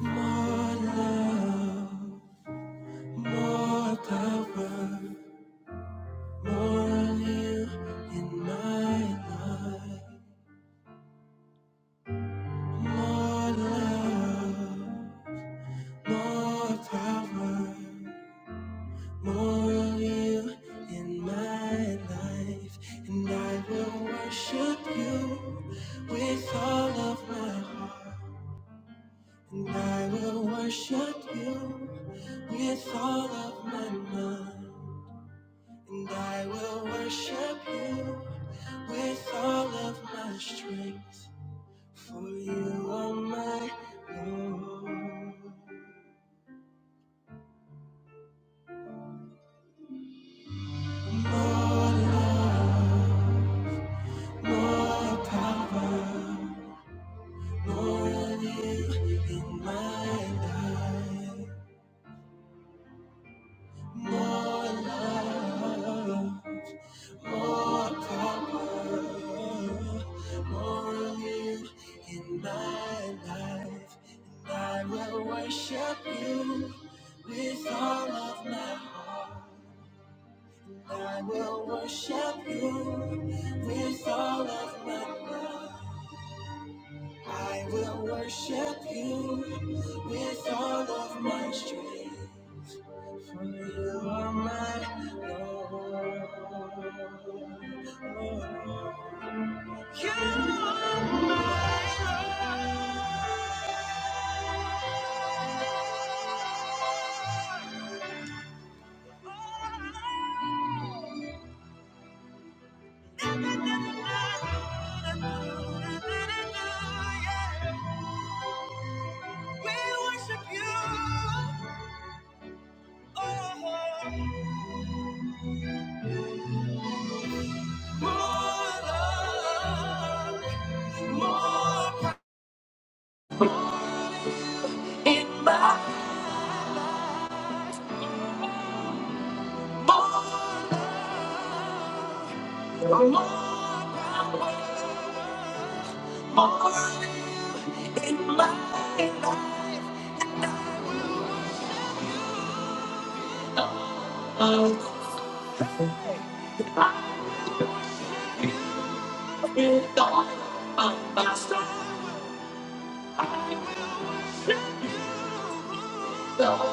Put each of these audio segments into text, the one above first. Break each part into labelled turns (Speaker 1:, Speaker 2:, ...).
Speaker 1: More love, more power, more of you in my life. More love, more power, more of you in my life. And I will worship you with all of my heart. And I will worship you with all of my mind. And I will worship you with all of my strength, for you are my Lord. More love, more power, more of you in my life. More love, more power, more of you in my life. And I will worship you with all of my heart. I will worship you with all of my mind. I will worship you with all of my strength, for you are my Lord. You are my Lord. Na, na, na, yeah. We worship you, oh, more, love, more power in my more, more, more, my love. With all of my strength. Uh,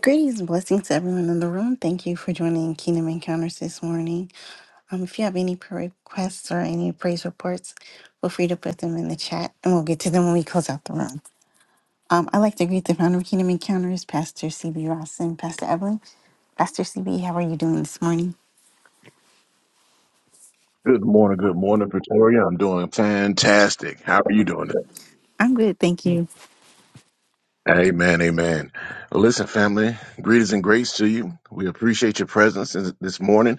Speaker 1: greetings and blessings to everyone in the room. Thank you for joining Kingdom Encounters this morning. Um, if you have any prayer requests or any praise reports, feel free to put them in the chat and we'll get to them when we close out the room. Um, I'd like to greet the founder of Kingdom Encounters, Pastor CB Ross and Pastor Evelyn. Pastor CB, how are you doing this morning?
Speaker 2: Good morning, good morning, Pretoria. I'm doing fantastic. How are you doing?
Speaker 1: I'm good, thank you.
Speaker 2: Amen, amen. Well, Listen, family, greetings and grace to you. We appreciate your presence this this morning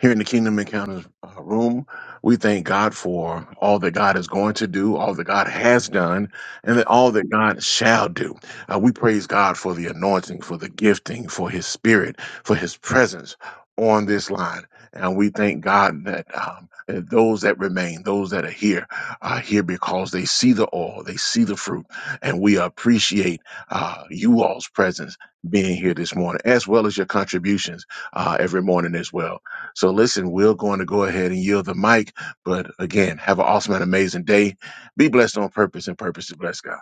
Speaker 2: here in the Kingdom Encounters uh, room. We thank God for all that God is going to do, all that God has done, and that all that God shall do. Uh, we praise God for the anointing, for the gifting, for His Spirit, for His presence on this line. And we thank God that um, that those that remain, those that are here, are here because they see the oil, they see the fruit, and we appreciate uh, you all's presence being here this morning, as well as your contributions uh, every morning as well. So, listen, we're going to go ahead and yield the mic. But again, have an awesome and amazing day. Be blessed on purpose, and purpose to bless God.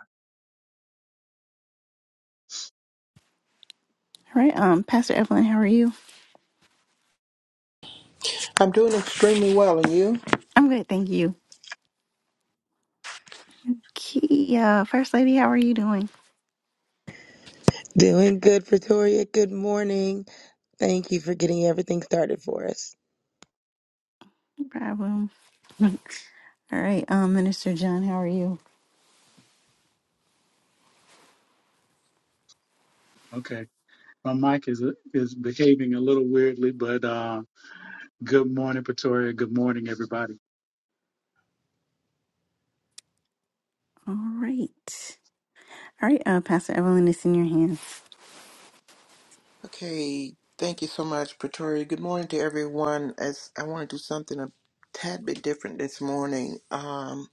Speaker 1: All right, um, Pastor Evelyn, how are you?
Speaker 3: I'm doing extremely well, and you?
Speaker 1: I'm good, thank you. Kia, First Lady, how are you doing?
Speaker 4: Doing good, Pretoria. Good morning. Thank you for getting everything started for us.
Speaker 1: No problem. All right, um, Minister John, how are you?
Speaker 5: Okay. My mic is is behaving a little weirdly, but uh, good morning, Pretoria. Good morning, everybody.
Speaker 1: All right. All right, uh, Pastor Evelyn, it's in your hands.
Speaker 3: Okay, thank you so much, Pretoria. Good morning to everyone. As I want to do something a tad bit different this morning, um,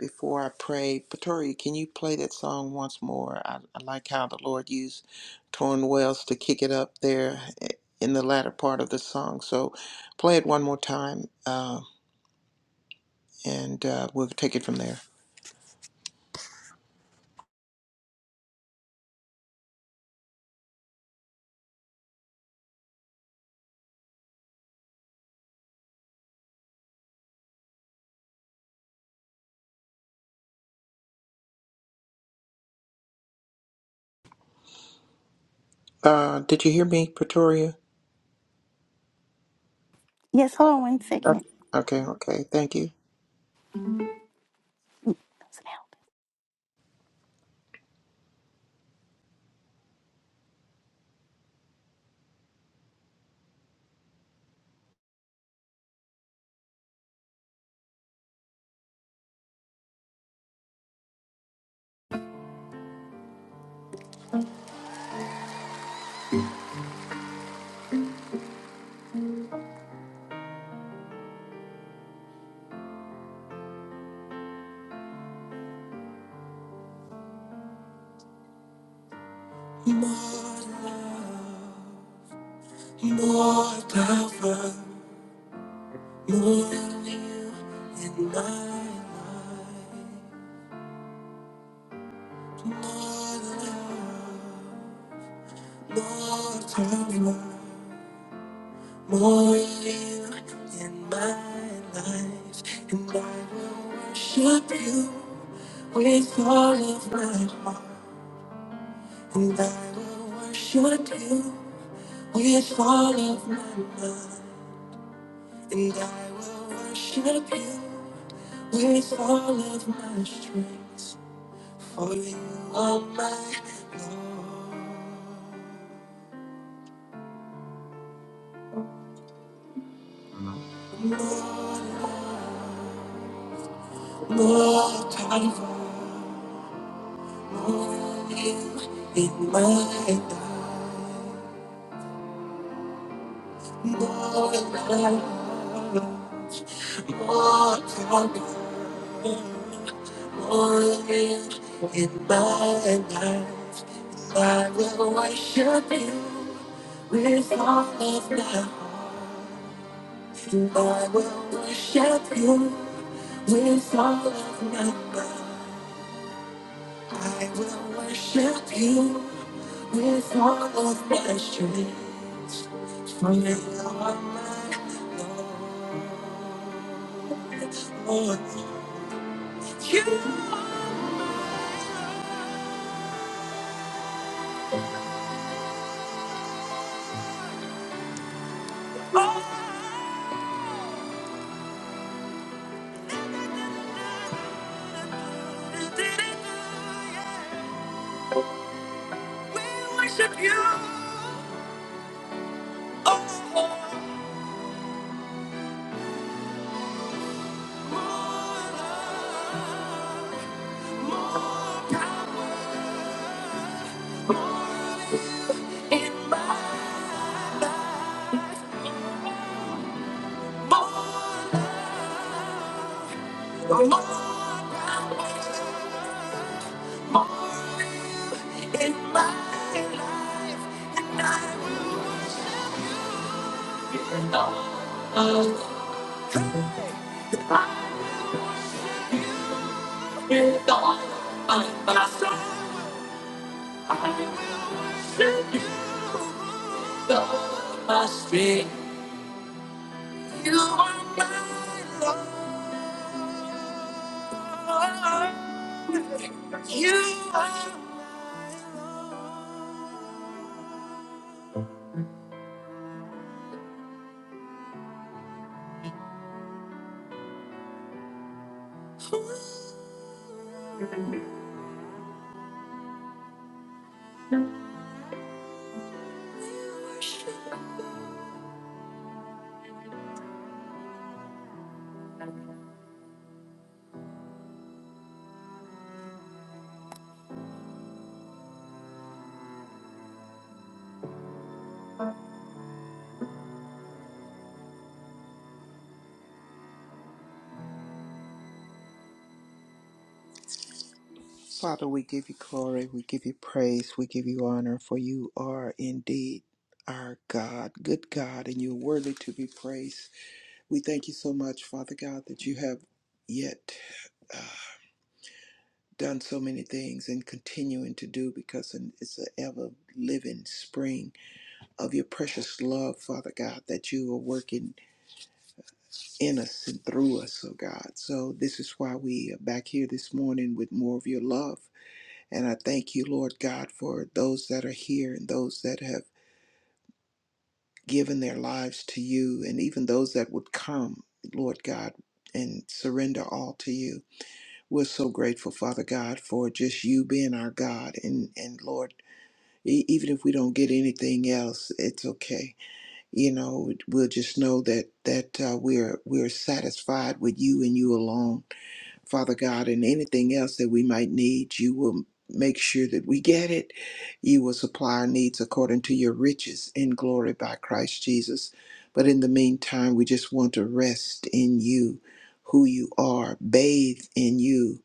Speaker 3: before I pray, Pretoria, can you play that song once more? I, I like how the Lord used Torn Wells to kick it up there eh, in the latter part of the song. So, play it one more time, uh, and uh, we'll take it from there. Uh, did you hear me, Pretoria?
Speaker 1: Yes, hold on one second.
Speaker 3: Okay, okay, okay. thank you.
Speaker 1: Sit down. More power, more than you in my life. More love, more power, more than you in my life. And I will worship you. with all of my heart, and I will worship you with all of my mind, and I will worship you with all of my strength, for you are my Lord. More time for more of you in my life, more love, more time Morning in my life, I will worship you with all of my heart. And I will worship you with all of my mind. I will worship you with all of my strength. For you are my Lord. You are. We worship you. Oh, in my more, more, more, in my life. You're the, uh, you're the, uh, my soul. I worship you. The, my strength. You are my Lord. You are
Speaker 3: Father, we give you glory, we give you praise, we give you honor, for you are indeed our God, good God, and you're worthy to be praised. We thank you so much, Father God, that you have yet uh, done so many things and continuing to do because it's an ever living spring of your precious love, Father God, that you are working in us and through us, oh God. So this is why we are back here this morning with more of your love And I thank you, Lord God, for those that are here and those that have given their lives to you, and even those that would come, Lord God, and surrender all to you. We're so grateful, Father God, for just you being our God. And, and Lord, e- even if we don't get anything else, it's okay. You know, we'll just know that that uh, we're we're satisfied with you and you alone. Father God, and anything else that we might need, you will make sure that we get it. You will supply our needs according to your riches in glory by Christ Jesus. But in the meantime, we just want to rest in you, who you are, bathe in you,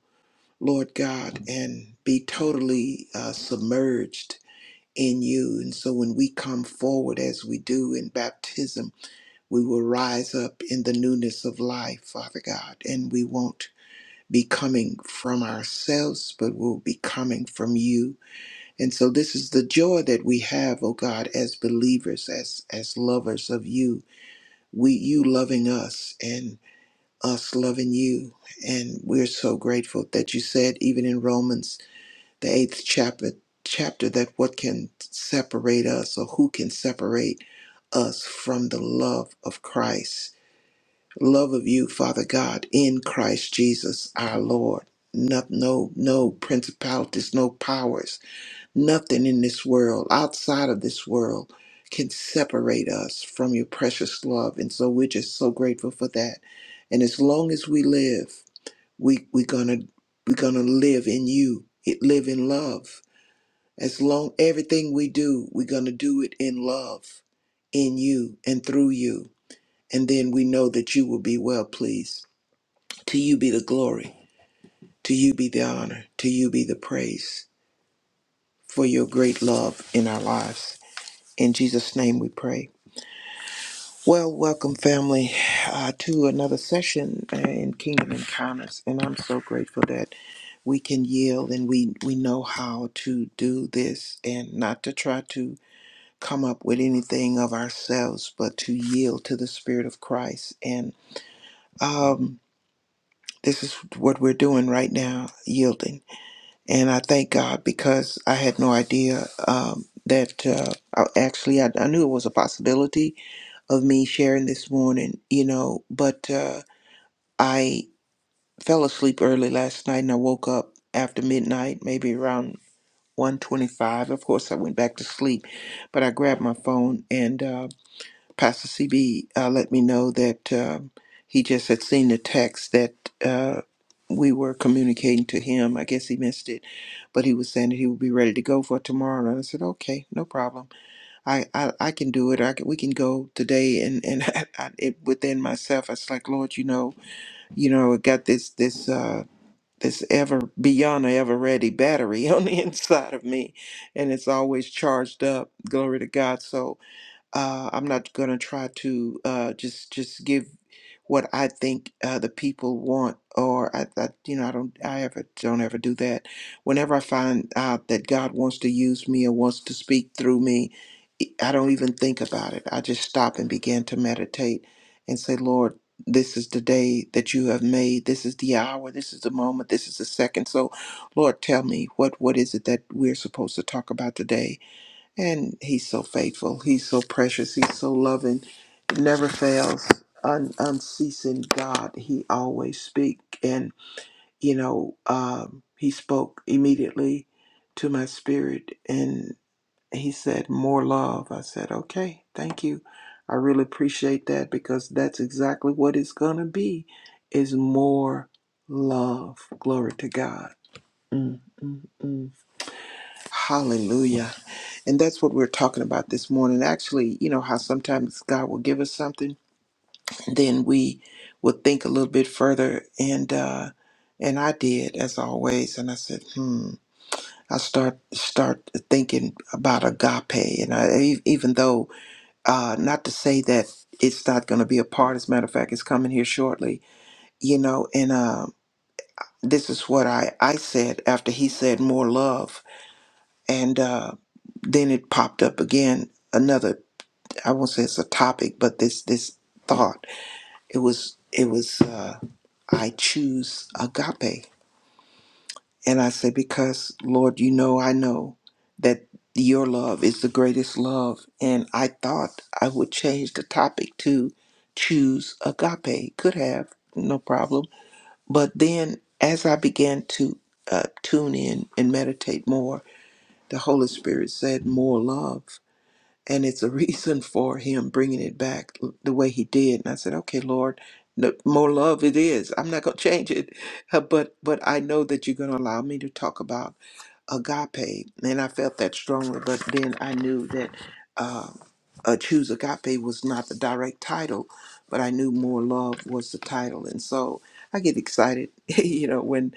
Speaker 3: Lord God, and be totally uh, submerged in you. And so when we come forward as we do in baptism, we will rise up in the newness of life, Father God, and we won't be coming from ourselves, but will be coming from you. And so this is the joy that we have, oh God, as believers, as as lovers of you. We you loving us and us loving you. And we're so grateful that you said even in Romans the eighth chapter chapter that what can separate us or who can separate us from the love of Christ love of you, Father God, in Christ Jesus our Lord. No, no, no principalities, no powers, nothing in this world, outside of this world, can separate us from your precious love. And so we're just so grateful for that. And as long as we live, we we're gonna we're gonna live in you. It live in love. As long everything we do, we're gonna do it in love, in you and through you. And then we know that you will be well pleased. To you be the glory. To you be the honor. To you be the praise for your great love in our lives. In Jesus' name we pray. Well, welcome, family, uh, to another session uh, in Kingdom Encounters. And I'm so grateful that we can yield and we, we know how to do this and not to try to come up with anything of ourselves, but to yield to the Spirit of Christ. And um, this is what we're doing right now yielding. and I thank God because I had no idea um, that uh, I, actually I, I knew it was a possibility of me sharing this morning, you know, but uh, I fell asleep early last night and I woke up after midnight, maybe around 125. Of course, I went back to sleep, but I grabbed my phone and uh, Pastor CB uh, let me know that um he just had seen the text that uh, we were communicating to him. I guess he missed it, but he was saying that he would be ready to go for tomorrow. And I said, okay, no problem. I, I, I can do it. I can, we can go today. And and I, I, it, within myself, I was like, Lord, you know, you know, I got this this. Uh, this ever beyond a ever ready battery on the inside of me and it's always charged up glory to god So, uh, I'm not gonna try to uh, just just give what I think uh, the people want, or I, I you know I don't I ever don't ever do that. Whenever I find out that God wants to use me or wants to speak through me, e, I don't even think about it. I just stop and begin to meditate and say, Lord. This is the day that you have made. This is the hour. This is the moment. This is the second. So, Lord, tell me what what is it that we're supposed to talk about today? And he's so faithful. He's so precious. He's so loving. It Never fails. Un- unceasing God. He always speak. And you know, um, he spoke immediately to my spirit, and he said, "More love." I said, "Okay, thank you. I really appreciate that because that's exactly what it's gonna be. Is more love. Glory to God. Mm, mm, mm. Hallelujah. And that's what we're talking about this morning. Actually, you know how sometimes God will give us something, then we will think a little bit further. And uh, and I did as always, and I said, hmm. I start start thinking about agape, and I, e- even though uh, not to say that it's not going to be a part. As a matter of fact, it's coming here shortly. You know, and uh, this is what I I said after he said more love, and uh, then it popped up again another I won't say it's a topic, but this this thought. It was it was uh, I choose agape, and I say because Lord, you know I know that your love is the greatest love, and I thought I would change the topic to choose agape. Could have no problem, but then as I began to uh, tune in and meditate more, the Holy Spirit said more love, and it's a reason for him bringing it back the way he did and i said okay lord no, more love it is i'm not going to change it Uh, but but i know that you're going to allow me to talk about agape and i felt that strongly but then i knew that uh, uh, choose agape was not the direct title but i knew more love was the title and so i get excited you know when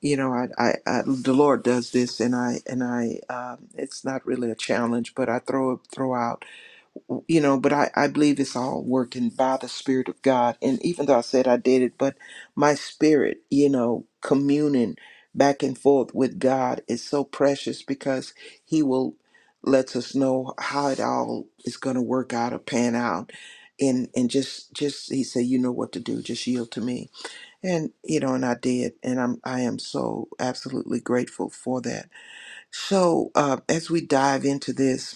Speaker 3: you know I, I i the lord does this and i and i um, it's not really a challenge but i throw throw out you know, but I, I believe it's all working by the Spirit of God. And even though I said I did it, but my spirit, you know, communing back and forth with God is so precious because He will lets us know how it all is going to work out or pan out. And, and just just he said you know what to do just yield to me and you know and i did and i'm i am so absolutely grateful for that so uh, as we dive into this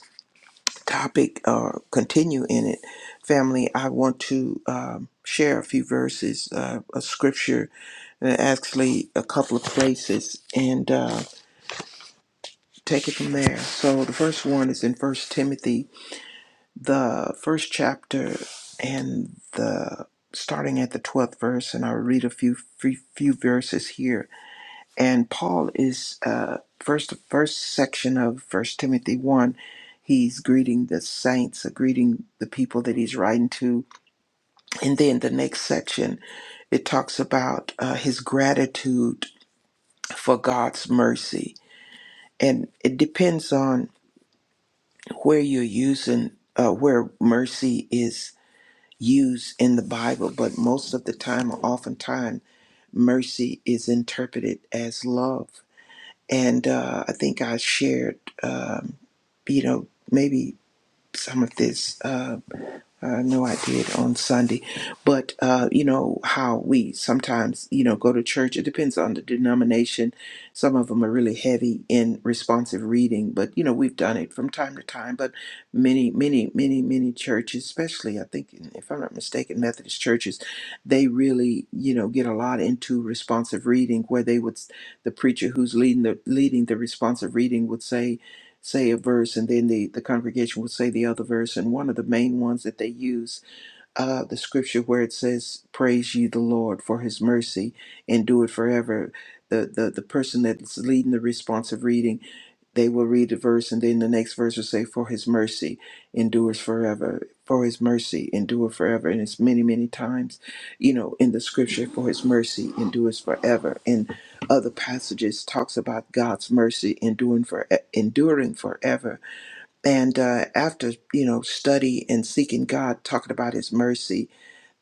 Speaker 3: topic or continue in it, family, I want to um, share a few verses, uh, a scripture, and actually a couple of places, and uh, take it from there. So the first one is in First Timothy, the first chapter, and the starting at the twelfth verse, and I'll read a few few, few verses here and paul is uh first the first section of first timothy 1 he's greeting the saints uh, greeting the people that he's writing to and then the next section it talks about uh, his gratitude for god's mercy and it depends on where you're using uh, where mercy is used in the bible but most of the time or oftentimes mercy is interpreted as love and uh, I think I shared, um, you know, maybe some of this. Uh, I know I did on Sunday, but uh, you know how we sometimes you know go to church. It depends on the denomination. Some of them are really heavy in responsive reading, but you know we've done it from time to time. But many, many, many, many churches, especially I think if I'm not mistaken, Methodist churches, they really you know get a lot into responsive reading, where they would the preacher who's leading the leading the responsive reading would say say a verse and then the, the congregation would say the other verse. And one of the main ones that they use, uh, the scripture where it says, Praise ye the Lord for his mercy, endure it forever. The, the, the person that's leading the responsive reading they will read the verse, and then the next verse will say, For his mercy endures forever. For his mercy endure forever. And it's many, many times, you know, in the scripture, for his mercy endures forever. And other passages talks about God's mercy enduring for enduring forever. And uh, after, you know, study and seeking God, talking about his mercy,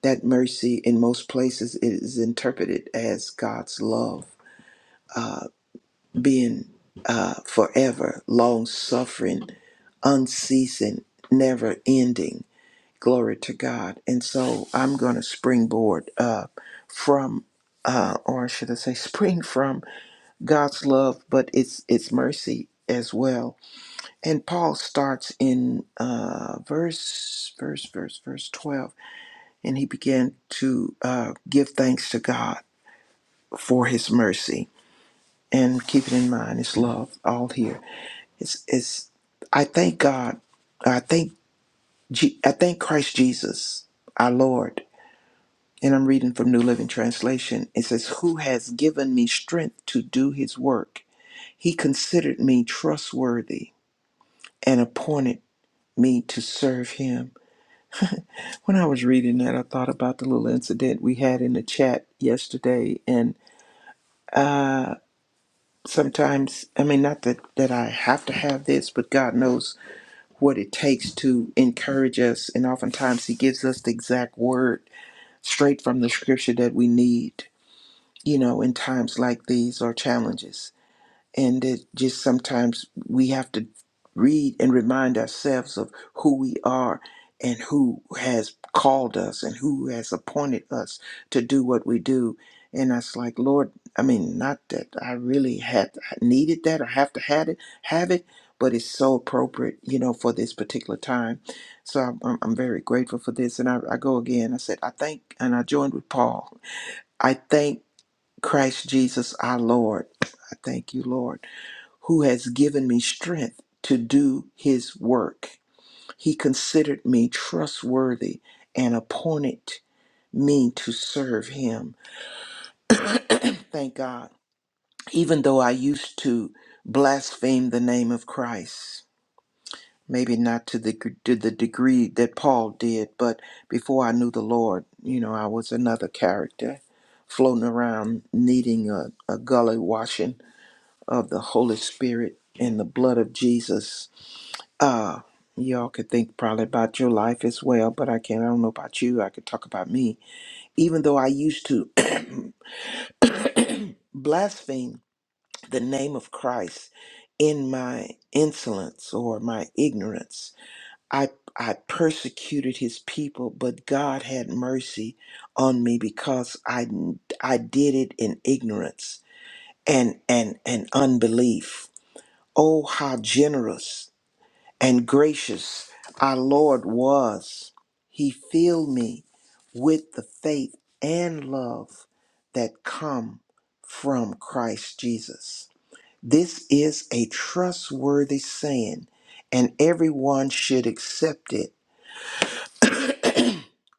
Speaker 3: that mercy in most places is interpreted as God's love Uh, being uh, forever, long suffering, unceasing, never ending. Glory to God. And so I'm going to springboard uh, from, uh, or should I say, spring from God's love, but it's it's mercy as well. And Paul starts in uh, verse, verse, verse, verse 12, and he began to uh, give thanks to God for his mercy. And keep it in mind, it's love all here It's, it's, I thank God. I thank, Je- I thank Christ Jesus, our Lord. And I'm reading from New Living Translation. It says, Who has given me strength to do his work? He considered me trustworthy and appointed me to serve him. When I was reading that, I thought about the little incident we had in the chat yesterday. And uh, sometimes, I mean, not that, that I have to have this, but God knows what it takes to encourage us. And oftentimes, He gives us the exact word straight from the scripture that we need, you know, in times like these or challenges and it just sometimes we have to read and remind ourselves of who we are and who has called us and who has appointed us to do what we do and it's like lord i mean not that i really had needed that or have to had it have it but it's so appropriate you know for this particular time so i'm, I'm I'm very grateful for this and I, I go again i said i thank and i joined with paul i thank christ jesus our lord i thank you lord who has given me strength to do his work. He considered me trustworthy and appointed me to serve him. Thank God. Even though I used to blaspheme the name of Christ, maybe not to the, to the degree that Paul did, but before I knew the Lord, you know, I was another character floating around needing a, a gully washing of the Holy Spirit and the blood of Jesus Uh, y'all could think probably about your life as well, but I can't. I don't know about you. I could talk about me. Even though I used to blaspheme the name of Christ in my insolence or my ignorance, I I persecuted His people, but God had mercy on me because I I did it in ignorance and and and unbelief. Oh, how generous! and gracious our Lord was. He filled me with the faith and love that come from Christ Jesus. This is a trustworthy saying, and everyone should accept it.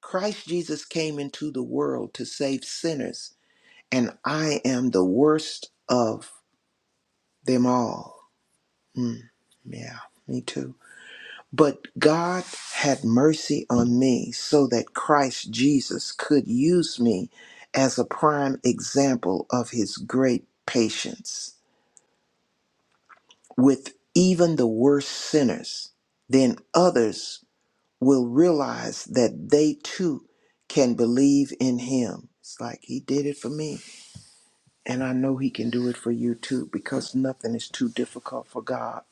Speaker 3: Christ Jesus came into the world to save sinners, and I am the worst of them all. Yeah, me too. But God had mercy on me so that Christ Jesus could use me as a prime example of his great patience with even the worst sinners. Then others will realize that they too can believe in him. It's like he did it for me. And I know he can do it for you too because nothing is too difficult for God.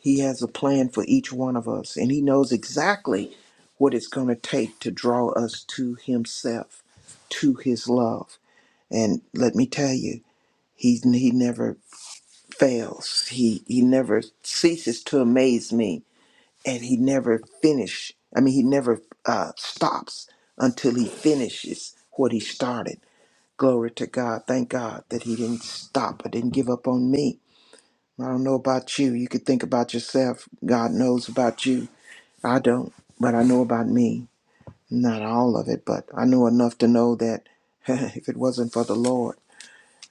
Speaker 3: He has a plan for each one of us, and He knows exactly what it's going to take to draw us to Himself, to His love. And let me tell you, He, he never fails, he, he never ceases to amaze me, and He never finish. I mean, He never uh, stops until He finishes what He started. Glory to God. Thank God that He didn't stop or didn't give up on me. I don't know about you. You could think about yourself. God knows about you. I don't, but I know about me. Not all of it, but I know enough to know that if it wasn't for the Lord,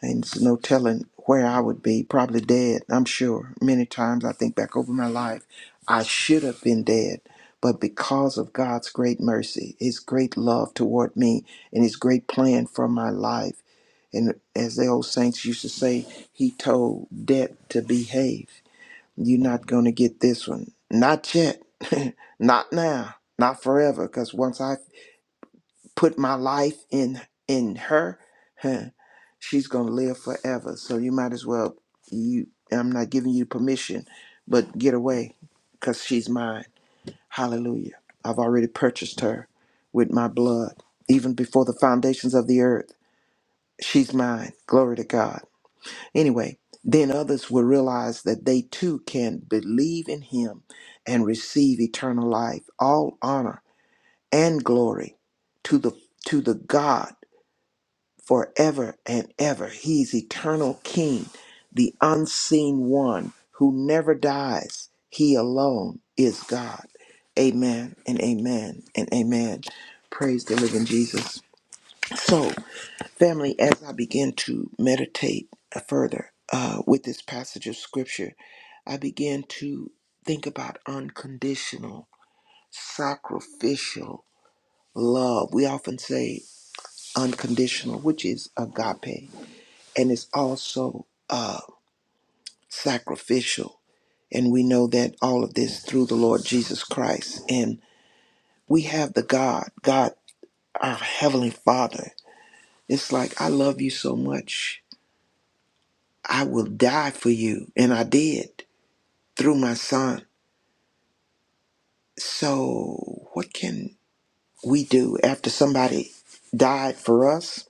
Speaker 3: and it's no telling where I would be, probably dead, I'm sure. Many times I think back over my life, I should have been dead. But because of God's great mercy, His great love toward me, and His great plan for my life, and as the old saints used to say, He told death to behave. You're not going to get this one. Not yet. not now. Not forever. Because once I put my life in in her, huh, she's going to live forever. So you might as well. You. I'm not giving you permission, but get away, because she's mine. Hallelujah. I've already purchased her with my blood, even before the foundations of the earth. She's mine. Glory to God. Anyway, then others will realize that they too can believe in him and receive eternal life. All honor and glory to the to the God forever and ever. He's eternal king, the unseen one who never dies. He alone is God. Amen and amen and amen. Praise the living Jesus. So. Family, as I begin to meditate uh, further uh, with this passage of scripture, I began to think about unconditional, sacrificial love. We often say unconditional, which is agape, and it's also uh, sacrificial. And we know that all of this through the Lord Jesus Christ. And we have the God, God, our Heavenly Father. It's like, I love you so much I will die for you. And I did through my son. So, what can we do after somebody died for us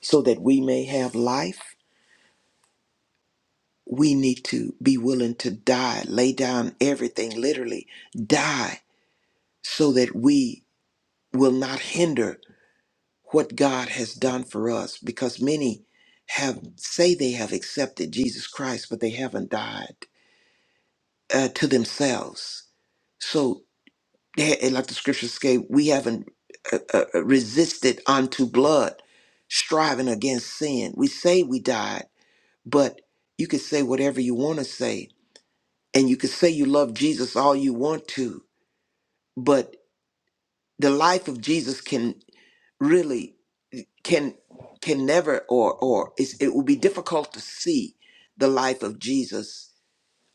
Speaker 3: so that we may have life? We need to be willing to die, lay down everything, literally die, so that we will not hinder what God has done for us. Because many have say they have accepted Jesus Christ, but they haven't died uh, to themselves. So Yeah, and like the scriptures say, we haven't uh, uh, uh, resisted unto blood, striving against sin. We say we died, but you can say whatever you want to say, and you can say you love Jesus all you want to, but the life of Jesus can really can can never or or it's, it will be difficult to see the life of Jesus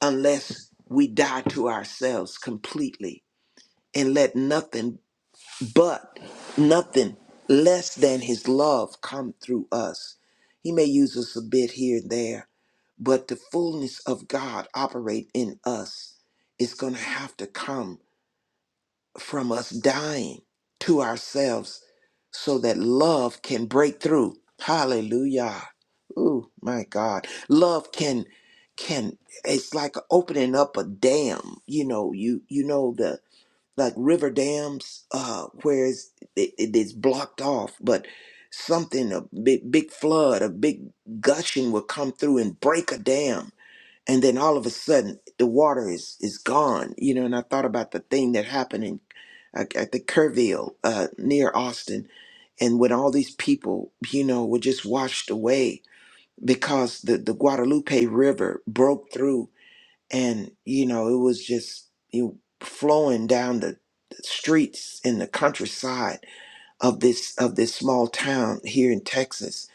Speaker 3: unless we die to ourselves completely and let nothing but nothing less than his love come through us he may use us a bit here and there but the fullness of god operate in us is going to have to come from us dying to ourselves so that love can break through hallelujah ooh my god love can can it's like opening up a dam you know you you know like river dams uh where it's, it, it is blocked off but something a big, big flood a big gushing will come through and break a dam and then all of a sudden the water is is gone you know and i thought about the thing that happened in at at the kerrville uh near austin and when all these people you know were just washed away because the the guadalupe river broke through and you know it was just you flowing down the the streets in the countryside of this of this small town here in Texas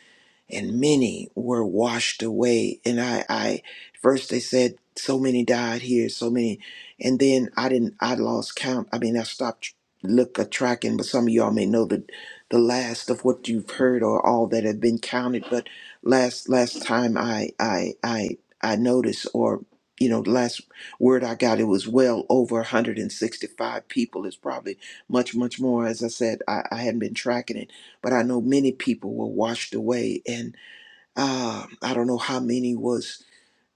Speaker 3: and many were washed away. And I, I first they said so many died here, so many, and then I didn't, I lost count. I mean, I stopped tr- look a tracking, but some of y'all may know the the last of what you've heard or all that have been counted. But last last time I I I I noticed or you know, the last word I got, it was well over 165 people. It's probably much, much more. As I said, I, I hadn't been tracking it but I know many people were washed away, and uh, I don't know how many was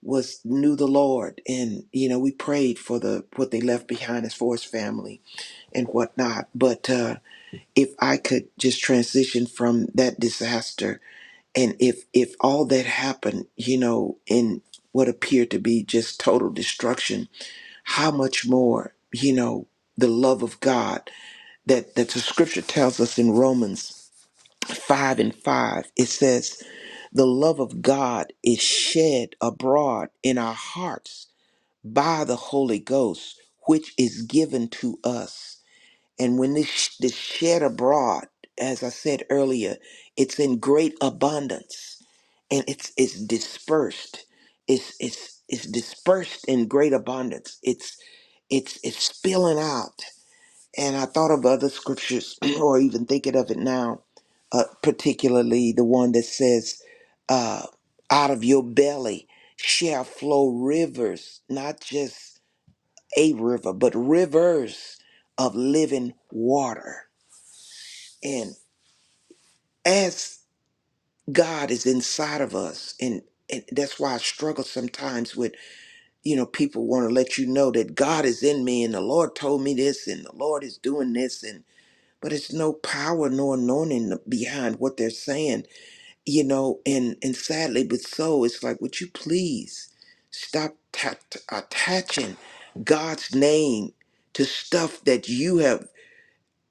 Speaker 3: was knew the Lord, and you know we prayed for the what they left behind as far as family and whatnot. But uh, if I could just transition from that disaster, and if if all that happened, you know, in what appeared to be just total destruction, how much more, you know, the love of God that that the Scripture tells us in Romans five and five, it says. The love of God is shed abroad in our hearts by the Holy Ghost, which is given to us. And when this, this shed abroad, as I said earlier, it's in great abundance and it's it's dispersed. It's it's it's dispersed in great abundance. It's it's it's spilling out and I thought of other scriptures, or even thinking of it now, uh, particularly the one that says, uh, "Out of your belly shall flow rivers, not just a river, but rivers of living water." And as God is inside of us, and, and that's why I struggle sometimes with, you know, people want to let you know that God is in me, and the Lord told me this, and the Lord is doing this, and. but it's no power, no anointing behind what they're saying, you know. And and sadly, but so it's like, would you please stop ta- t- attaching God's name to stuff that you have?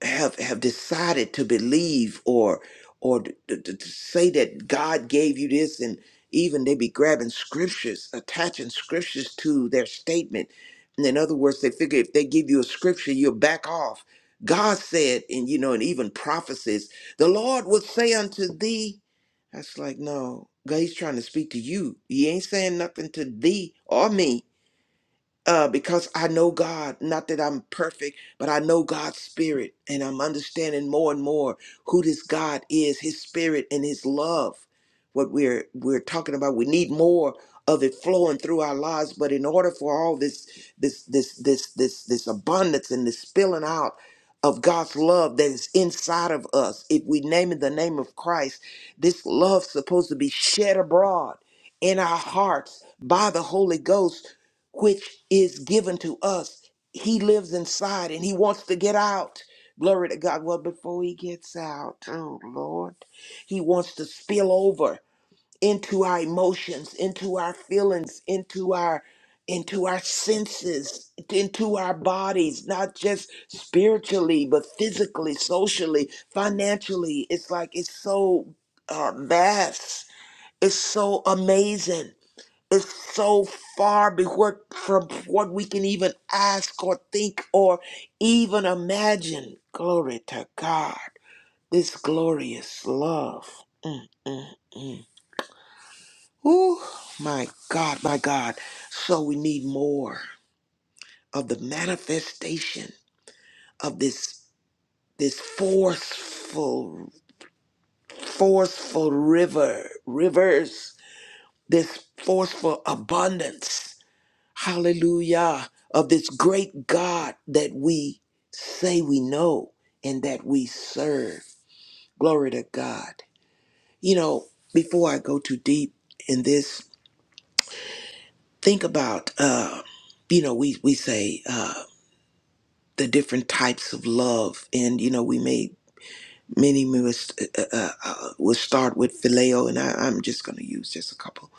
Speaker 3: have have decided to believe or or to, to, to say that God gave you this and even they be grabbing scriptures attaching scriptures to their statement and in other words they figure if they give you a scripture you'll back off God said and you know and even prophecies the Lord will say unto thee that's like no God he's trying to speak to you he ain't saying nothing to thee or me uh, because I know God. Not that I'm perfect, but I know God's spirit, and I'm understanding more and more who this God is, His spirit and His love. What we're we're talking about, we need more of it flowing through our lives. But in order for all this this this this this this abundance and this spilling out of God's love that is inside of us, if we name it the name of Christ, this love's supposed to be shed abroad in our hearts by the Holy Ghost which is given to us. He lives inside and he wants to get out. Glory to God. Well, before he gets out, oh Lord, he wants to spill over into our emotions, into our feelings, into our into our senses, into our bodies, not just spiritually, but physically, socially, financially. It's like it's so uh, vast. It's so amazing is so far before, from what we can even ask or think or even imagine. Glory to God. This glorious love. Mm-mm. Ooh, my God, my God. So we need more of the manifestation of this this forceful forceful river rivers this forceful abundance hallelujah, of this great God that we say we know and that we serve. Glory to God. You know, before I go too deep in this, think about, uh, you know, we, we say uh, the different types of love, and, you know, we may, many of us uh, uh, uh, uh, will start with phileo, and I, I'm just going to use just a couple.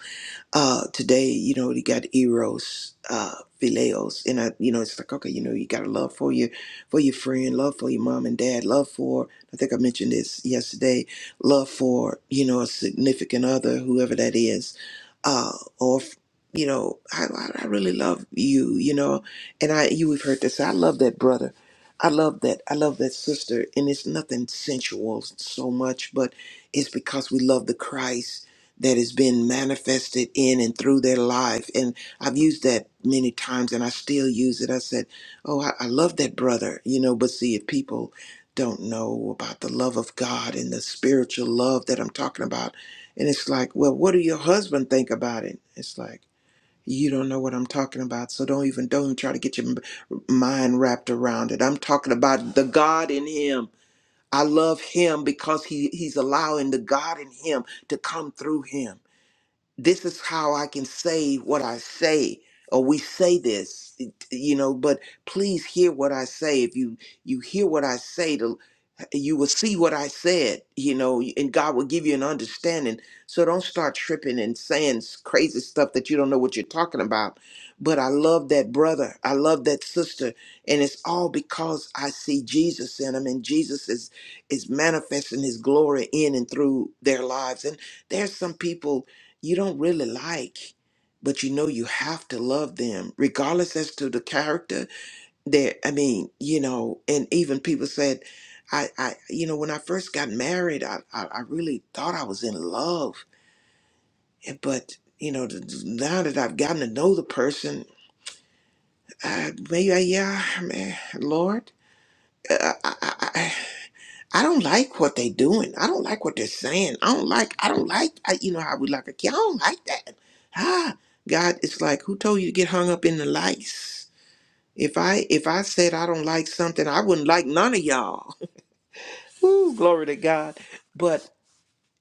Speaker 3: uh today you know you got eros uh phileos and i you know it's like okay you know you got to love for your for your friend love for your mom and dad love for i think i mentioned this yesterday love for you know a significant other whoever that is uh or f- you know i i I really love you you know and i you we have heard this i love that brother i love that i love that sister and it's nothing sensual so much but it's because we love the christ that has been manifested in and through their life. And I've used that many times and I still use it. I said, Oh, I, I love that brother, you know, but see, if people don't know about the love of God and the spiritual love that I'm talking about, and it's like, Well, what do your husband think about it? It's like, you don't know what I'm talking about, so don't even don't even try to get your m- mind wrapped around it. I'm talking about the God in him. I love him because he, he's allowing the God in him to come through him this is how I can say what I say, or we say this, it- you know. But please hear what I say. If you you hear what I say, to, you will see what I said, you know, and God will give you an understanding. So don't start tripping and saying s- crazy stuff that you don't know what you're talking about. But I love that brother. I love that sister, and it's all because I see Jesus in them, and Jesus is is manifesting His glory in and through their lives. And there's some people you don't really like but you know you have to love them regardless as to the character There, i mean you know and even people said i i you know when i first got married i i, I really thought i was in love And- but you know th- th- now that i've gotten to know the person uh, maybe I, yeah man lord I don't like what they doing. I don't like what they're saying. I don't like. I don't like. I, you know how we like a kid. I don't like that. Ah, God, it's like who told you to get hung up in the lights? If I if I said I don't like something, I wouldn't like none of y'all. Ooh, glory to God. But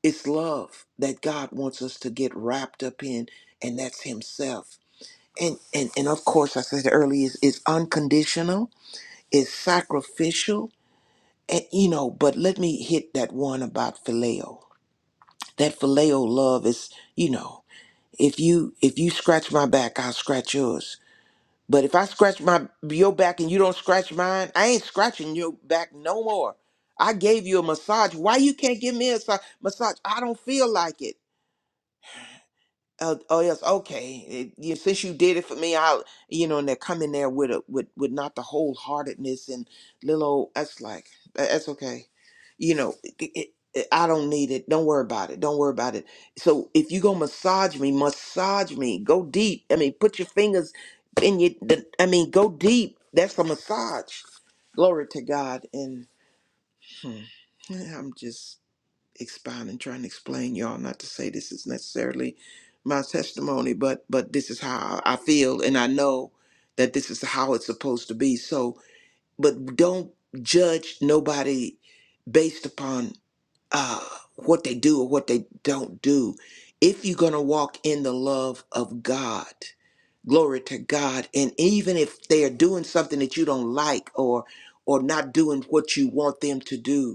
Speaker 3: it's love that God wants us to get wrapped up in, and that's Himself. And and and of course, I said earlier, is it's it's unconditional, it's sacrificial, and you know. But let me hit that one about phileo That phileo love is, you know, if you if you scratch my back, I'll scratch yours. But if I scratch my your back and you don't scratch mine, I ain't scratching your back no more. I gave you a massage. Why you can't give me a sa- massage? I don't feel like it. Oh, oh yes, okay. It- you, since you did it for me, I'll you know, and they're coming there with a with with not the wholeheartedness and little. Old, that's like "Tha- that's okay. You know, it, it, it- I don't need it. Don't worry about it. Don't worry about it. So if you go massage me, massage me. Go deep. I mean, put your fingers in your. The, I mean, go deep. That's a massage. Glory to God. And hmm, I'm just expound and trying to explain y'all not to say this is necessarily my testimony but but this is how i feel and i know that this is how it's supposed to be so but don't judge nobody based upon uh what they do or what they don't do if you're going to walk in the love of god glory to god and even if they are doing something that you don't like or or not doing what you want them to do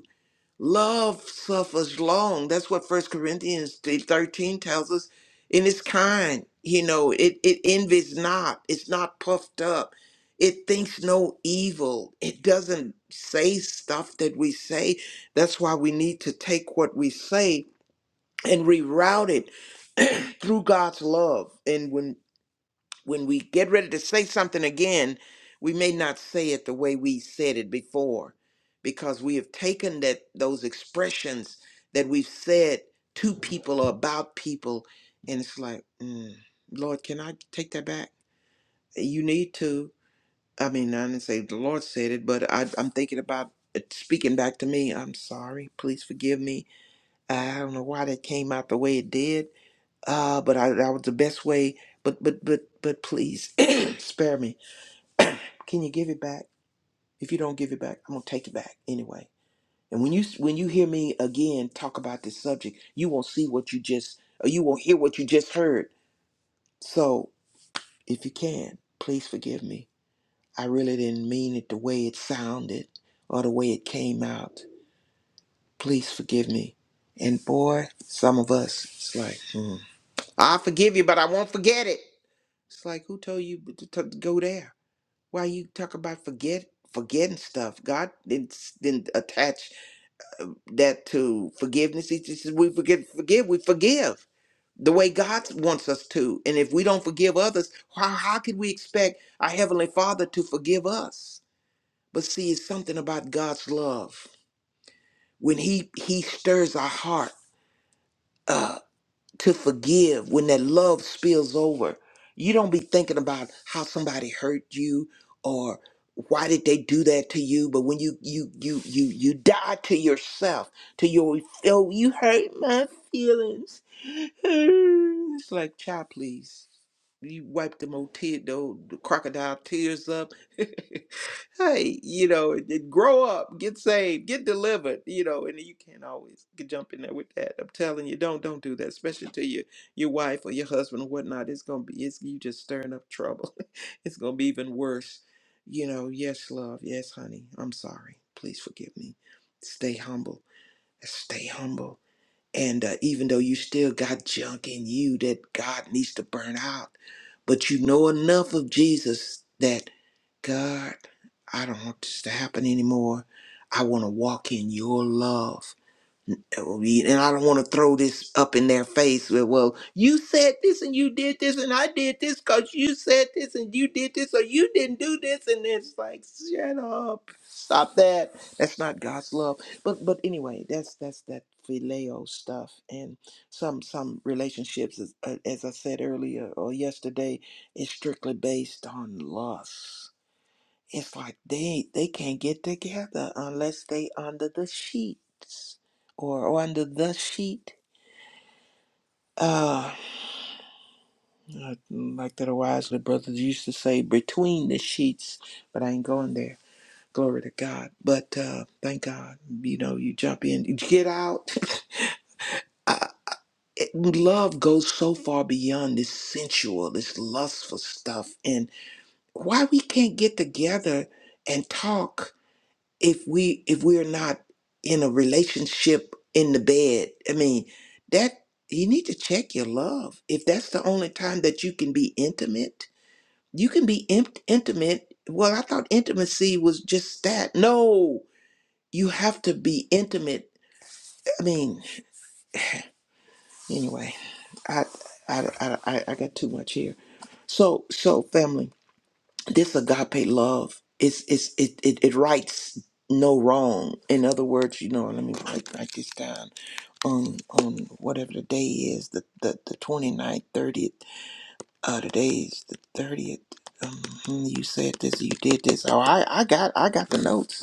Speaker 3: Love suffers long. That's what First Corinthians th- 13 tells us. And it's kind. You know, it, it envies not. It's not puffed up. It thinks no evil. It doesn't say stuff that we say. That's why we need to take what we say and reroute it through God's love when we get ready to say something again, we may not say it the way we said it before because we have taken that those expressions that we've said to people or about people and it's like, mm, Lord, can I take that back? You need to. I mean, I didn't say the Lord said it, but I, I'm thinking about it speaking back to me. I'm sorry. Please forgive me. I don't know why that came out the way it did uh, but I, that was the best way. But but but but please spare me. Can you give it back? If you don't give it back, I'm gonna take it back anyway. And when you when you hear me again talk about this subject, you won't see what you just or you won't hear what you just heard. So if you can, please forgive me. I really didn't mean it the way it sounded or the way it came out. Please forgive me. And boy, some of us, it's like, mm, I forgive you, but I won't forget it. It's like who told you to to go there? Why you talk about forget forgetting stuff? God didn't s- didn't attach uh, that to forgiveness. He just says we forget forgive we forgive the way God wants us to, and if we don't forgive others, how how can we expect our heavenly Father to forgive us? But see, it's something about God's love when He He stirs our heart. up. to forgive when that love spills over. You don't be thinking about how somebody hurt you or why did they do that to you? But when you you you you you die to yourself, to your oh you hurt my feelings it's like, child, please. You wipe them old tear, the old the crocodile tears up. hey, you know, it and grow up, get saved, get delivered. You know, and you can't always get jump in there with that. I'm telling you, don't don't do that, especially to your your wife or your husband or whatnot. It's gonna be, it's you just stirring up trouble. it's gonna be even worse. You know, yes, love, yes, honey. I'm sorry. Please forgive me. Stay humble. Stay humble and uh, even though you still got junk in you that God needs to burn out, but you know enough of Jesus that God, I don't want this to happen anymore. I want to walk in your love we- and I don't want to throw this up in their face with, well, you said this and you did this and I did this because you said this and you did this or you didn't do this and it's like shut up, stop that. That's not God's love. But but anyway, that's that's that phileo stuff and some some relationships, as, as I said earlier or yesterday, is strictly based on lust it's like they they can't get together unless they under the sheets or under the sheet. Uh, like like that wisely brothers used to say, between the sheets. But I ain't going there. Glory to God. But uh, thank God, you know, you jump in, you get out. Uh, it, love goes so far beyond this sensual, this lustful stuff, and why we can't get together and talk if we if we're not in a relationship in the bed i mean that you need to check your love if that's the only time that you can be intimate you can be in- intimate well i thought intimacy was just that no you have to be intimate i mean anyway i i i, I, I got too much here so so family But this agape love is is it, it it rights no wrong in other words you know let me write, write this down on on whatever the day is the the, the twenty ninth, 30th uh today is the 30th um, hmm, you said this you did this oh i i got i got the notes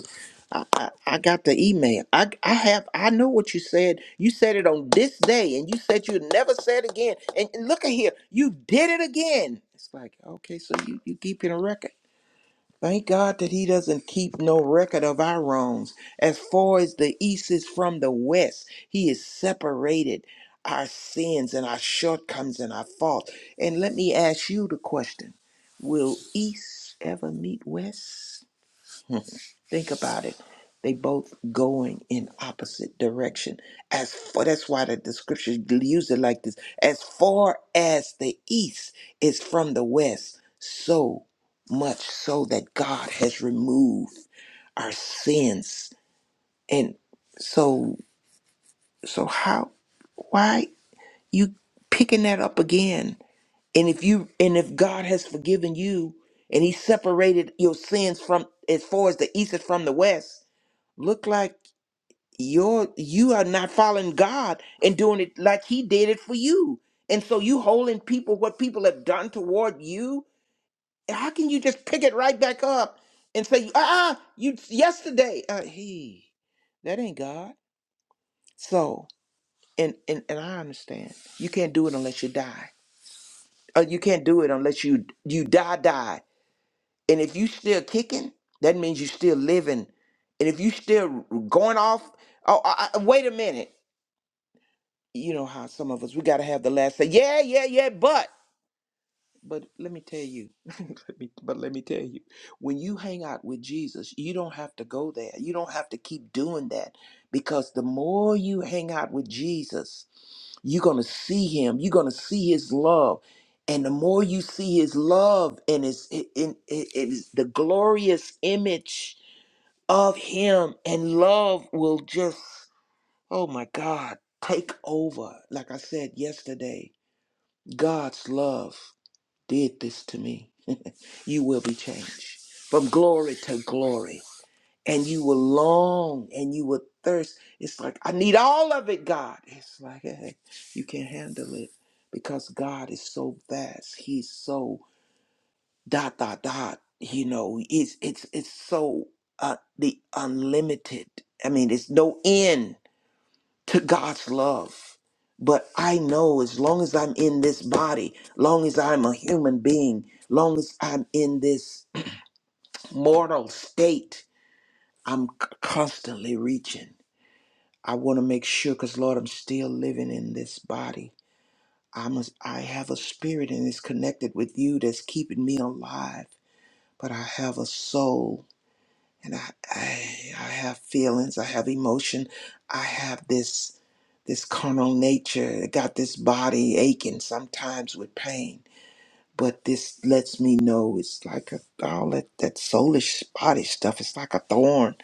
Speaker 3: I, I, I got the email. I I have I know what you said. You said it on this day, and you said you'd never say it again. And, and look at here, you did it again. It's like okay, so you you keeping a record. Thank God that He doesn't keep no record of our wrongs. As far as the east is from the west, He has separated our sins and our shortcomings and our faults. And let me ask you the question Will east ever meet west? Think about it. They both going in opposite direction. As far that's why the, the scripture used it like this. As far as the east is from the west, so much so that God has removed our sins. And so so how why you picking that up again? And if you and if God has forgiven you and he separated your sins from as far as the east is from the west, Look like you're you are not following God and doing it like He did it for you. And so you holding people what people have done toward you. How can you just pick it right back up and say, ah, uh-uh, you yesterday? Uh, he, that ain't God. So and and and I understand you can't do it unless you die. Uh, you can't do it unless you you die die. And if you still kicking, that means you still living. And if you still going off, oh, I, I- wait a minute. you know how some of us we gotta have the last say, yeah, yeah, yeah, but but let me tell you, let me, but let me tell you, when you hang out with Jesus, you don't have to go there. You don't have to keep doing that because the more you hang out with Jesus, you're gonna see Him. You're gonna see His love, and the more you see His love and His in in- it it is the glorious image of Him, and love will just oh my God take over. Like I said yesterday God's love did this to me. You will be changed from glory to glory, and you will long and you will thirst. It's like, I need all of it, God. It's like, hey, you can't handle it because God is so vast. He's so dot, dot, dot. You know, it's, it's, it's so uh, the unlimited. I mean, it's no end to God's love. But I know as long as I'm in this body, long as I'm a human being, long as I'm in this mortal state, I'm c- constantly reaching. I want to make sure cuz Lord, I'm still living in this body. I'm a, I have a spirit and it's connected with you that's keeping me alive, but I have a soul and I I, I have feelings, I have emotion, I have this this carnal nature that got this body aching sometimes with pain. But this lets me know it's like a, all that, that soulish body stuff. It's like a thorn.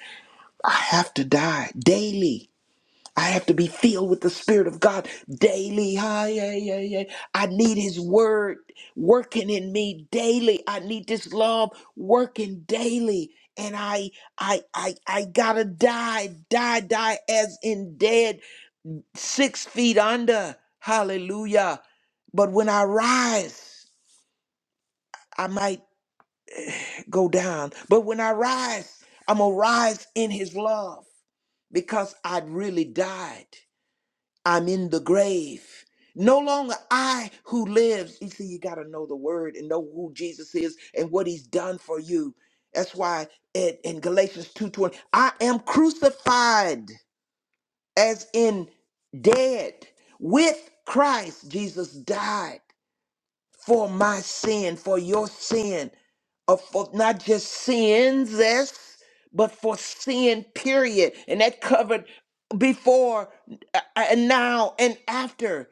Speaker 3: I have to die daily. I have to be filled with the Spirit of God daily. Hi, yeah, yeah, yeah. I need His Word working in me daily. I need this love working daily. And I, I, I, I gotta die, die, die as in dead six feet under. Hallelujah. But when I rise, I might go down. But when I rise, I'm going to rise in his love because I'd really died. I'm in the grave. No longer I who lives. You see, you got to know the word and know who Jesus is and what he's done for you. That's why it, in Galatians 2.20, I am crucified. as in dead with Christ. Jesus died for my sin, for your sin, of for not just sins, yes, but for sin, period. And that covered before uh, uh, and now and after.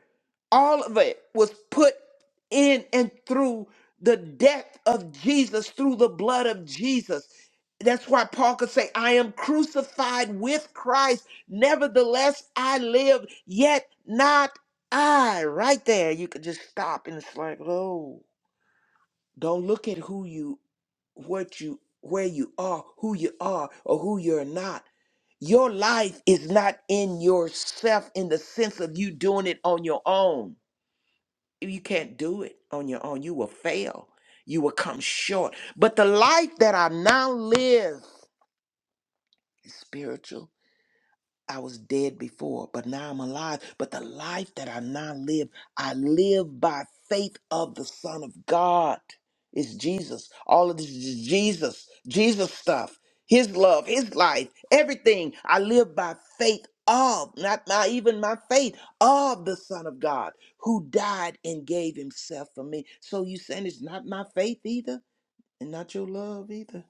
Speaker 3: All of it was put in and through the death of Jesus, through the blood of Jesus. That's why Paul could say, I am crucified with Christ. Nevertheless, I live, yet not. I right there you could just stop and it's like, oh, don't look at who you what you where you are, who you are or who you're not. Your life is not in yourself in the sense of you doing it on your own. You can't do it on your own. You will fail. You will come short. But the life that I now live is spiritual. I was dead before, but now I'm alive. But the life that I now live, I live by faith of the Son of God. It's Jesus. All of this is Jesus, Jesus stuff, His love, His life, everything. I live by faith of, not my, even my faith, of the Son of God who died and gave Himself for me. So you saying it's not my faith either and not your love either?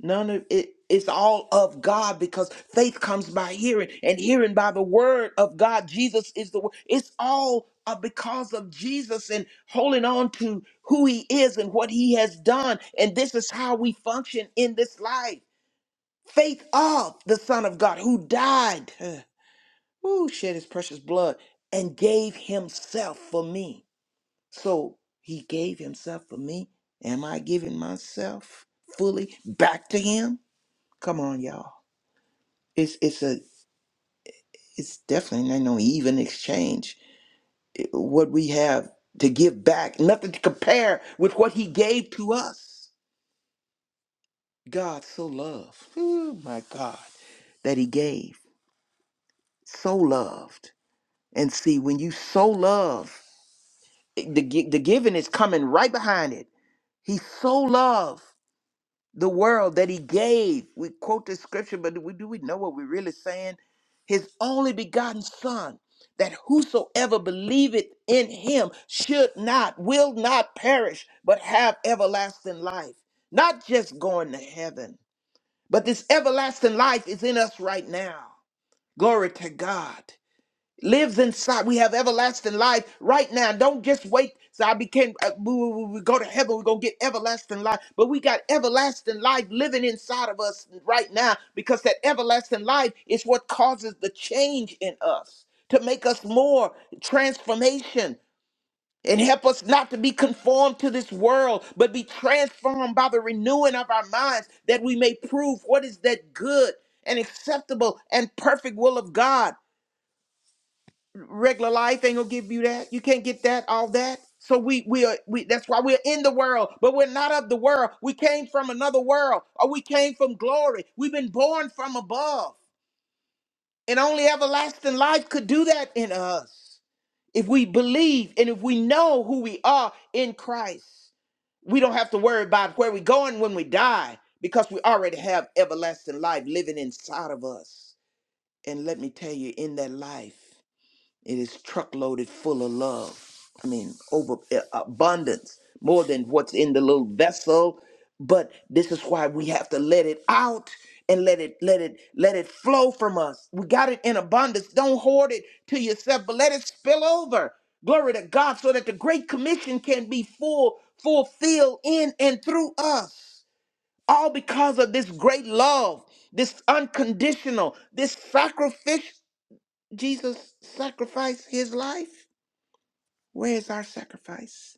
Speaker 3: None of it is all of God because faith comes by hearing and hearing by the word of God. Jesus is the word. It's all uh, because of Jesus and holding on to who he is and what he has done. And this is how we function in this life. Faith of the Son of God who died, uh, who shed his precious blood and gave himself for me. So he gave himself for me. Am I giving myself fully back to him? Come on, y'all. It's it's a it's definitely not no even exchange. It- What we have to give back, nothing to compare with what He gave to us. God so loved. Oh my God, that He gave so loved. And see, when you so love, eh, the gi- the giving is coming right behind it. He so loved. the world that he gave. We quote the scripture, but do we, do we know what we're really saying? His only begotten son, that whosoever believeth in him should not, will not perish, but have everlasting life. Not just going to heaven, but this everlasting life is in us right now. Glory to God lives inside. We have everlasting life right now. Don't just wait. So I became, uh, we, we, we go to heaven, we're going to get everlasting life. But we got everlasting life living inside of us right now because that everlasting life is what causes the change in us to make us more transformation and help us not to be conformed to this world, but be transformed by the renewing of our minds that we may prove what is that good and acceptable and perfect will of God regular life ain't gonna give you that. You can't get that, all that. So we we are we that's why we're in the world, but we're not of the world. We came from another world, or we came from glory. We've been born from above. And only everlasting life could do that in us. If we believe and if we know who we are in Christ, we don't have to worry about where we're going when we die because we already have everlasting life living inside of us. And let me tell you, in that life. It is truckloaded full of love. I mean, over uh, abundance, more than what's in the little vessel. But this is why we have to let it out and let it let it let it flow from us. We got it in abundance. Don't hoard it to yourself, but let it spill over. Glory to God, so that the great commission can be full fulfilled in and through us. All because of this great love, this unconditional, this sacrificial Jesus sacrificed his life. Where is our sacrifice?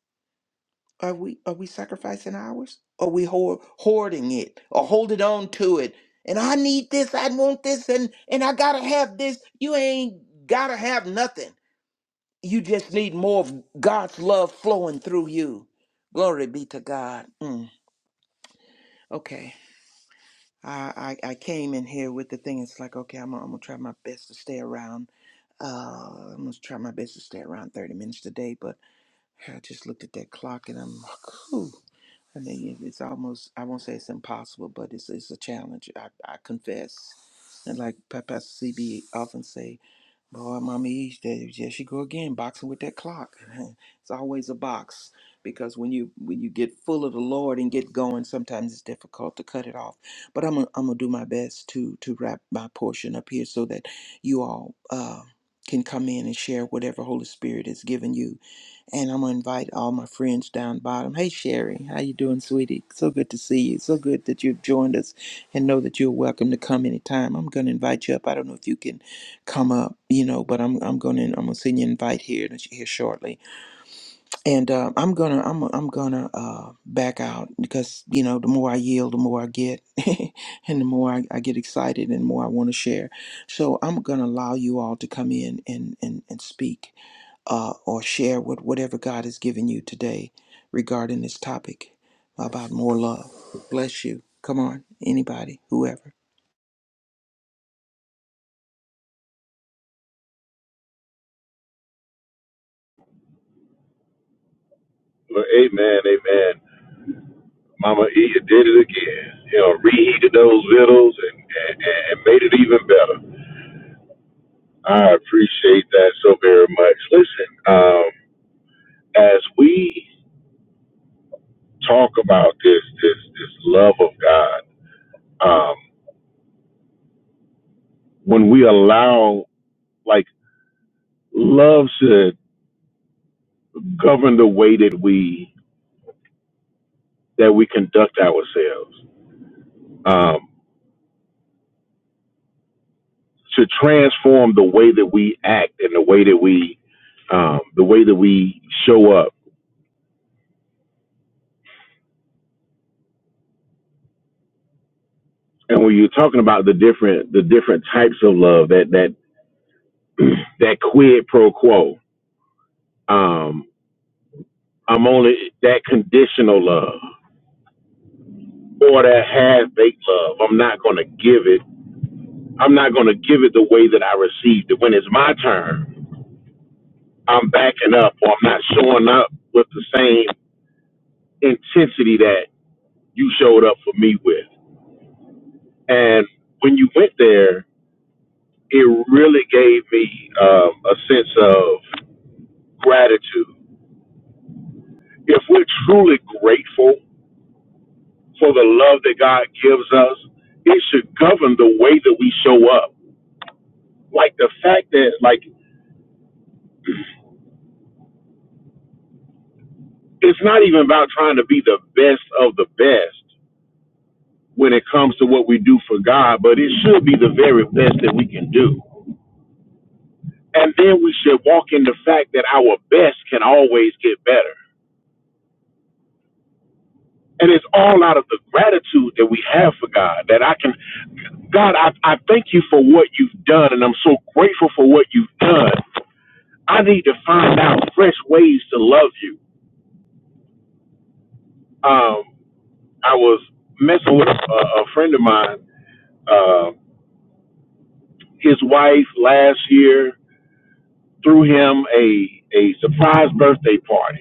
Speaker 3: Are we are we sacrificing ours? Are we hoard, hoarding it or holding on to it? And I need this, I want this, and and I gotta have this. You ain't gotta have nothing. You just need more of God's love flowing through you. Glory be to God. Mm, okay. I, I I came in here with the thing. It's like okay, I'm, gonna- I'm gonna try my best to stay around. Uh, I'm gonna try my best to stay around 30 minutes today, but I just looked at that clock and I'm like, Ooh. I mean, it- it's almost, I won't say it's impossible, but it's, it's a challenge. I, I confess. And like Pa- Pastor CB often say, boy, mommy, East, there there she go again, boxing with that clock. It's always a box because when you when you get full of the Lord and get going, sometimes it's difficult to cut it off. But I'm gonna, I'm gonna do my best to to wrap my portion up here so that you all uh, can come in and share whatever Holy Spirit has given you and I'm gonna invite all my friends down bottom. Hey Sherry, how you doing, sweetie? So good to see you. So good that you've joined us, and know that you're welcome to come anytime. I'm gonna invite you up. I don't know if you can come up, you know, but I'm I'm gonna I'm gonna send you an invite here here shortly. And uh, I'm gonna I'm I'm gonna uh, back out because you know the more I yield, the more I get, and the more I, I get excited, and the more I want to share. So I'm gonna allow you all to come in and and and speak uh, or share what whatever God has given you today regarding this topic about more love. Bless you. Come on, anybody, whoever.
Speaker 2: Well, amen, amen. Mama E, you did it again. You know, reheated those vittles and, and, and made it even better. I appreciate that so very much. Listen, um, as we talk about this this this love of God, um, when we allow like love should govern the way that we that we conduct ourselves um should transform the way that we act and the way that we um the way that we show up and when you're talking about the different the different types of love that that that quid pro quo um i'm only that conditional love or that half-baked love i'm not going to give it i'm not going to give it the way that i received it when it's my turn I'm backing up or I'm not showing up with the same intensity that you showed up for me with. And when you went there, it really gave me um, a sense of gratitude. If we're truly grateful for the love that God gives us, it should govern the way that we show up. Like the fact that, like, it's not even about trying to be the best of the best when it comes to what we do for God, but it should be the very best that we can do And then we should walk in the fact that our best can always get better. And it's all out of the gratitude that we have for God. That I can, God, I, I thank you for what you've done, and I'm so grateful for what you've done. I need to find out fresh ways to love you. Um, I was messing with a, a friend of mine. Uh, his wife last year threw him a a surprise birthday party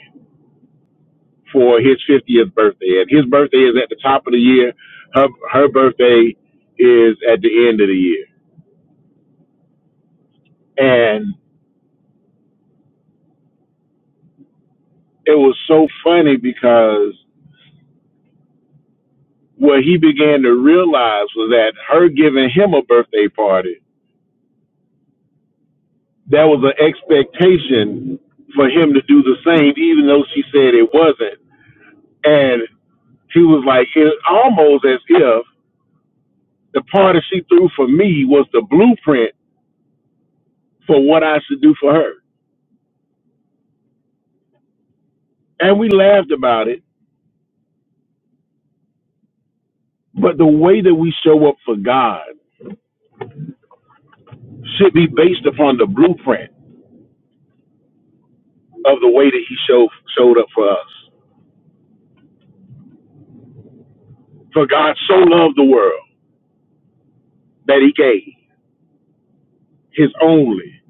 Speaker 2: for his 50th birthday. And his birthday is at the top of the year. Her her birthday is at the end of the year. And it was so funny because what he began to realize was that her giving him a birthday party, that was an expectation for him to do the same, even though she said it wasn't. And he was like, it almost as if the party she threw for me was the blueprint for what I should do for her. And we laughed about it But the way that we show up for God should be based upon the blueprint of the way that He show showed up for us. For God so loved the world that He gave His only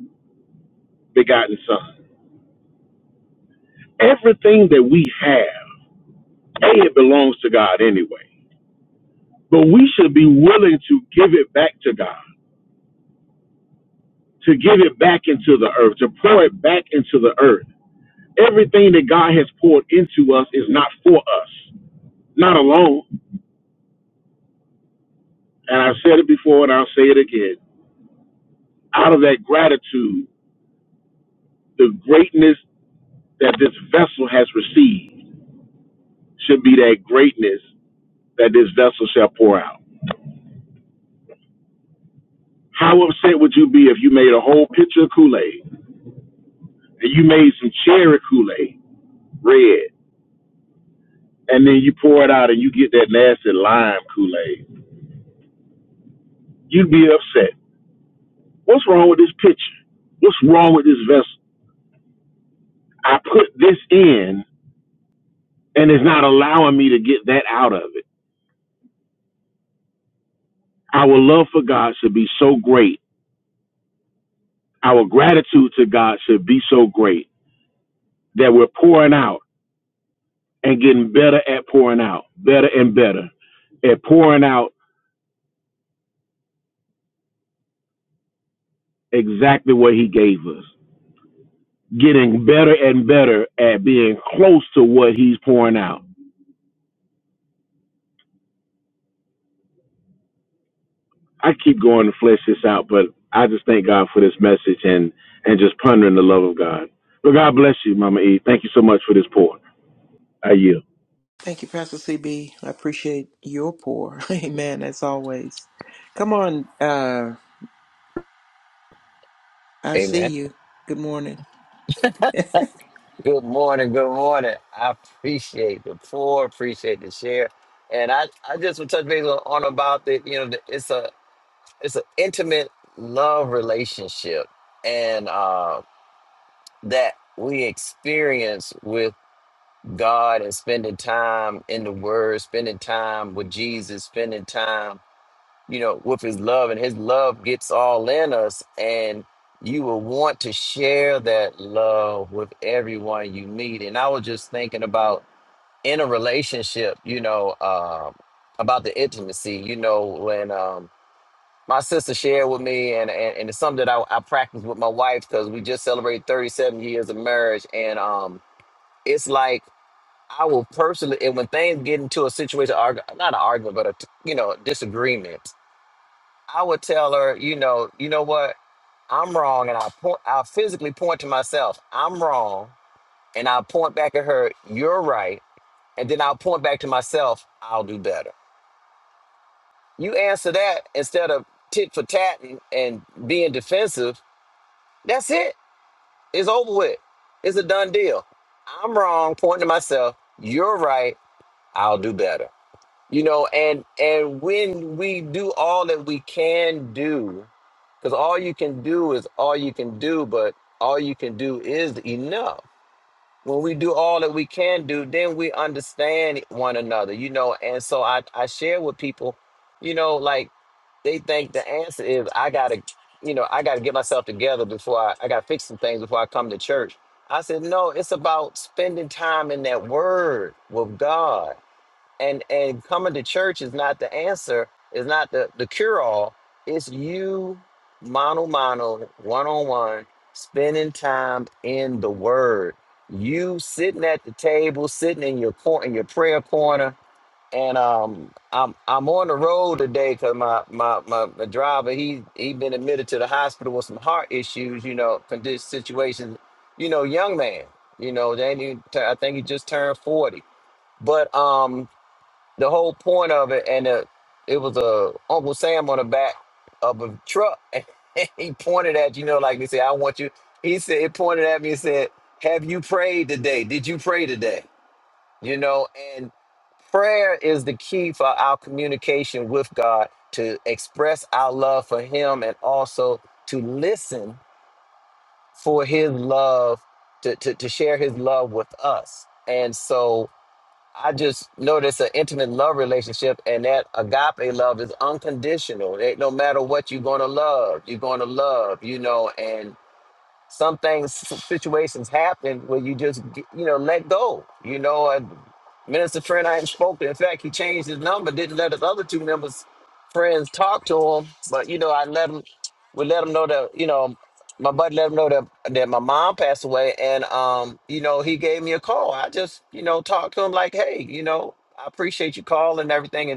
Speaker 2: begotten Son. Everything that we have, a it belongs to God anyway. But we should be willing to give it back to God, to give it back into the earth, to pour it back into the earth. Everything that God has poured into us is not for us, not alone. And I've said it before, and I'll say it again Out of that gratitude, the greatness that this vessel has received should be that greatness that this vessel shall pour out. How upset would you be if you made a whole pitcher of Kool Aid and you made some cherry Kool Aid red and then you pour it out and you get that nasty lime Kool Aid? You'd be upset. What's wrong with this pitcher? What's wrong with this vessel? I put this in and it's not allowing me to get that out of it. Our love for God should be so great Our gratitude to God should be so great that we're pouring out and getting better at pouring out, better and better at pouring out exactly what He gave us, getting better and better at being close to what He's pouring out. I keep going to flesh this out, but I just thank God for this message and and just pondering the love of God. But God bless you, Mama E. Thank you so much for this pour. I yield.
Speaker 3: Thank you, Pastor C B. I appreciate your pour. Amen, as always. Come on, uh, I see
Speaker 6: Amen.
Speaker 3: you. Good morning.
Speaker 6: Good morning. Good morning. I appreciate the pour. Appreciate the share. And I, I just want to touch base on, on about the, you know, the, it's a, it's an intimate love relationship, and uh, that we experience with God and spending time in the Word, spending time with Jesus, spending time you know, with his love, and his love gets all in us, and you will want to share that love with everyone you meet. And I was just thinking about in a relationship, you know, um, about the intimacy, you know, when um, my sister shared with me, and, and, and it's something that I, I practice with my wife because we just celebrated 37 years of marriage, and um, it's like, I will personally, and when things get into a situation, arg- not an argument, but a, you know, disagreement, I would tell her, you know, you know what? I'm wrong, and I point. I physically point to myself. I'm wrong, and I point back at her. You're right, and then I'll point back to myself. I'll do better. You answer that instead of tit for tat and, and being defensive. That's it. It's over with. It's a done deal. I'm wrong. Pointing to myself. You're right. I'll do better. you know and and when we do all that we can do because all you can do is all you can do but all you can do is enough when we do all that we can do then we understand one another you know and so i i share with people you know like they think the answer is i gotta you know i gotta get myself together before i, I gotta fix some things before i come to church i said no it's about spending time in that word with god and and coming to church is not the answer is not the the cure all it's you mano mano one on one spending time in the word you sitting at the table sitting in your cor- in your prayer corner and um i'm i'm on the road today because my, my my my driver he he been admitted to the hospital with some heart issues you know condition situations you know young man you know they ain't even i think he just turned 40 but um the whole point of it, and uh it was a Uncle Sam on the back of a truck, and he pointed at you know, like they say, I want you. He said, it pointed at me and said, "Have you prayed today? Did you pray today? You know." And prayer is the key for our communication with God to express our love for Him, and also to listen for His love to to, to share His love with us. And so I just noticed an intimate love relationship, and that agape love is unconditional. It, no matter what you're going to love, you're going to love, you know. and some things situations happen where you just g- you know let go you know and minister friend i hadn't spoken in fact he changed his number didn't let his other two members friends talk to him but you know i let him we let him know that you know my buddy let him know that that my mom passed away and um you know he gave me a call i just you know talked to him like hey you know i appreciate you calling and everything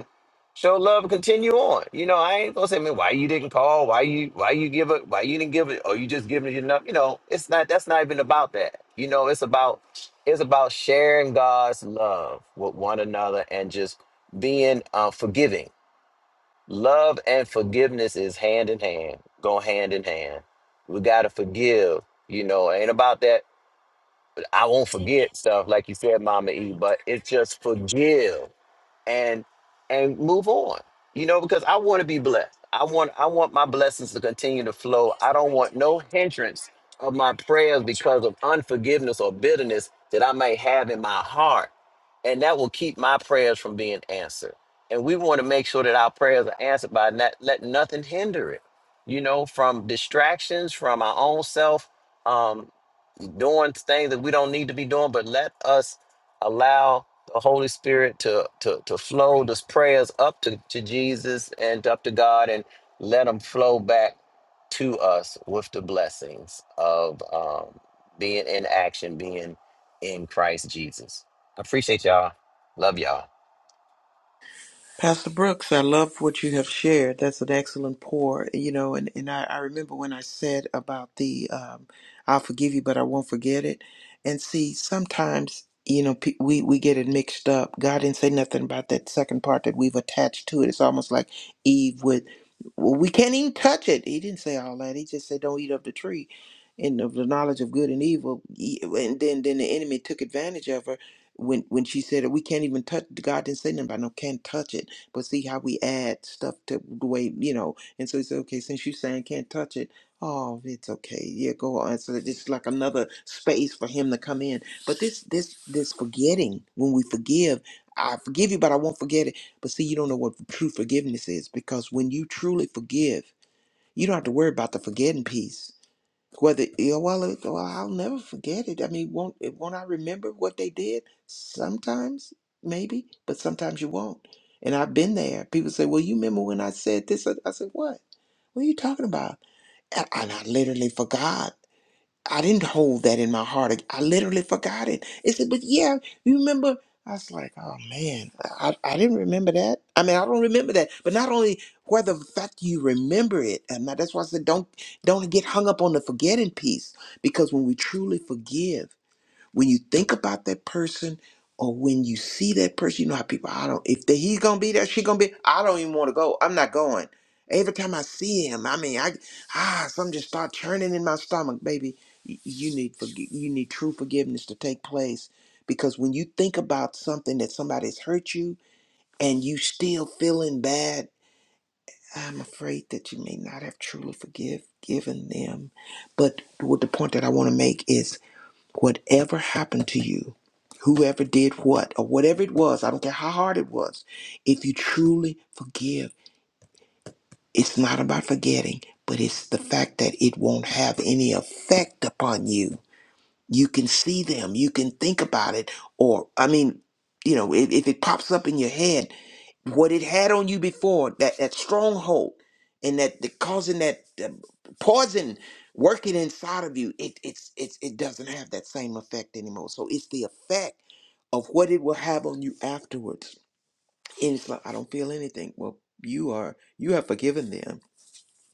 Speaker 6: show love and continue on. You know, I ain't gonna say, man, why you didn't call? Why you why you give it? Why you didn't give it? Or you just giving it enough? You know, it's not. That's not even about that. You know, it's about it's about sharing God's love with one another and just being uh, forgiving. Love and forgiveness is hand in hand, go hand in hand. We gotta forgive. You know, it ain't about that. I won't forget stuff like you said, Mama E. But it's just forgive and and move on you know because i want to be blessed i want i want my blessings to continue to flow i don't want no hindrance of my prayers because of unforgiveness or bitterness that i may have in my heart and that will keep my prayers from being answered and we want to make sure that our prayers are answered by not let nothing hinder it you know from distractions from our own self um, doing things that we don't need to be doing, but let us allow the Holy Spirit to to to flow those prayers up to, to Jesus and up to God and let them flow back to us with the blessings of um, being in action, being in Christ Jesus. I appreciate y'all. Love y'all.
Speaker 3: Pastor Brooks, I love what you have shared. That's an excellent pour, you know. And, and I, I remember when I said about the um, I'll forgive you, but I won't forget it. And see, sometimes, you know, pe- we, we get it mixed up. God didn't say nothing about that second part that we've attached to it. It's almost like Eve with, well, we can't even touch it. He didn't say all that. He just said, don't eat of the tree and of the knowledge of good and evil. E- And then, then the enemy took advantage of her when when she said we can't even touch God didn't say nothing about no can't touch it but see how we add stuff to the way, you know. And so he said, okay, since you're saying can't touch it, oh, it's okay. Yeah, go on. So it's like another space for him to come in. But this, this, this forgetting, when we forgive, I forgive you, but I won't forget it. But see, you don't know what true forgiveness is because when you truly forgive, you don't have to worry about the forgetting piece whether yeah, well, it, well, I'll never forget it. I mean, won't it- won't I remember what they did? Sometimes, maybe, but sometimes you won't. And I've been there. People say, "Well, you remember when I said this?" I I said, "What? What are you talking about?" And and I literally forgot. I didn't hold that in my heart. I literally forgot it. It said, but yeah, you remember? I was like, oh man, I, I didn't remember that. I mean, I don't remember that. But not only whether the fact you remember it, and that's why I said don't don't get hung up on the forgetting piece. Because when we truly forgive when you think about that person or when you see that person, you know how people, I don't, if they, he's gonna be there, she gonna be, I don't even wanna go. I'm not going. Every time I see him, I mean, I, ah, something just start churning in my stomach, baby. You, you need, forgi- you need true forgiveness to take place because when you think about something that somebody's hurt you and you still feeling bad, I'm afraid that you may not have truly forgive, given them. But what the point that I want to make is whatever happened to you, whoever did what, or whatever it was, I don't care how hard it was, if you truly forgive, it's not about forgetting, but it's the fact that it won't have any effect upon you. You can see them, you can think about it, or, I mean, you know, if, if it pops up in your head, what it had on you before that that stronghold and that the causing that the poison working inside of you it it's it's it doesn't have that same effect anymore so it's the effect of what it will have on you afterwards and it's like i don't feel anything well you are you have forgiven them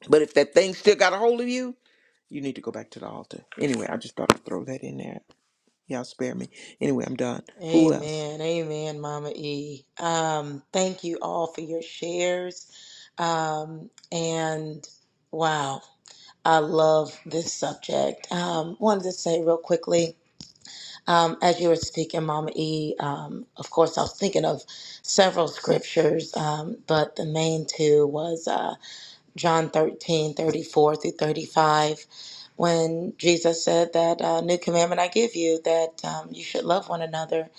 Speaker 3: but if that thing still got a hold of you you need to go back to the altar anyway i just thought i'd throw that in there y'all spare me anyway i'm done who else
Speaker 4: Amen. Amen, Mama E. Um, thank you all for your shares. Um, and wow, I love this subject. Um, wanted to say real quickly, um, as you were speaking, Mama E, um, of course, I was thinking of several scriptures, um, but the main two was. uh, John 13 34 through 35, when Jesus said that uh, new commandment I give you, that um, you should love one another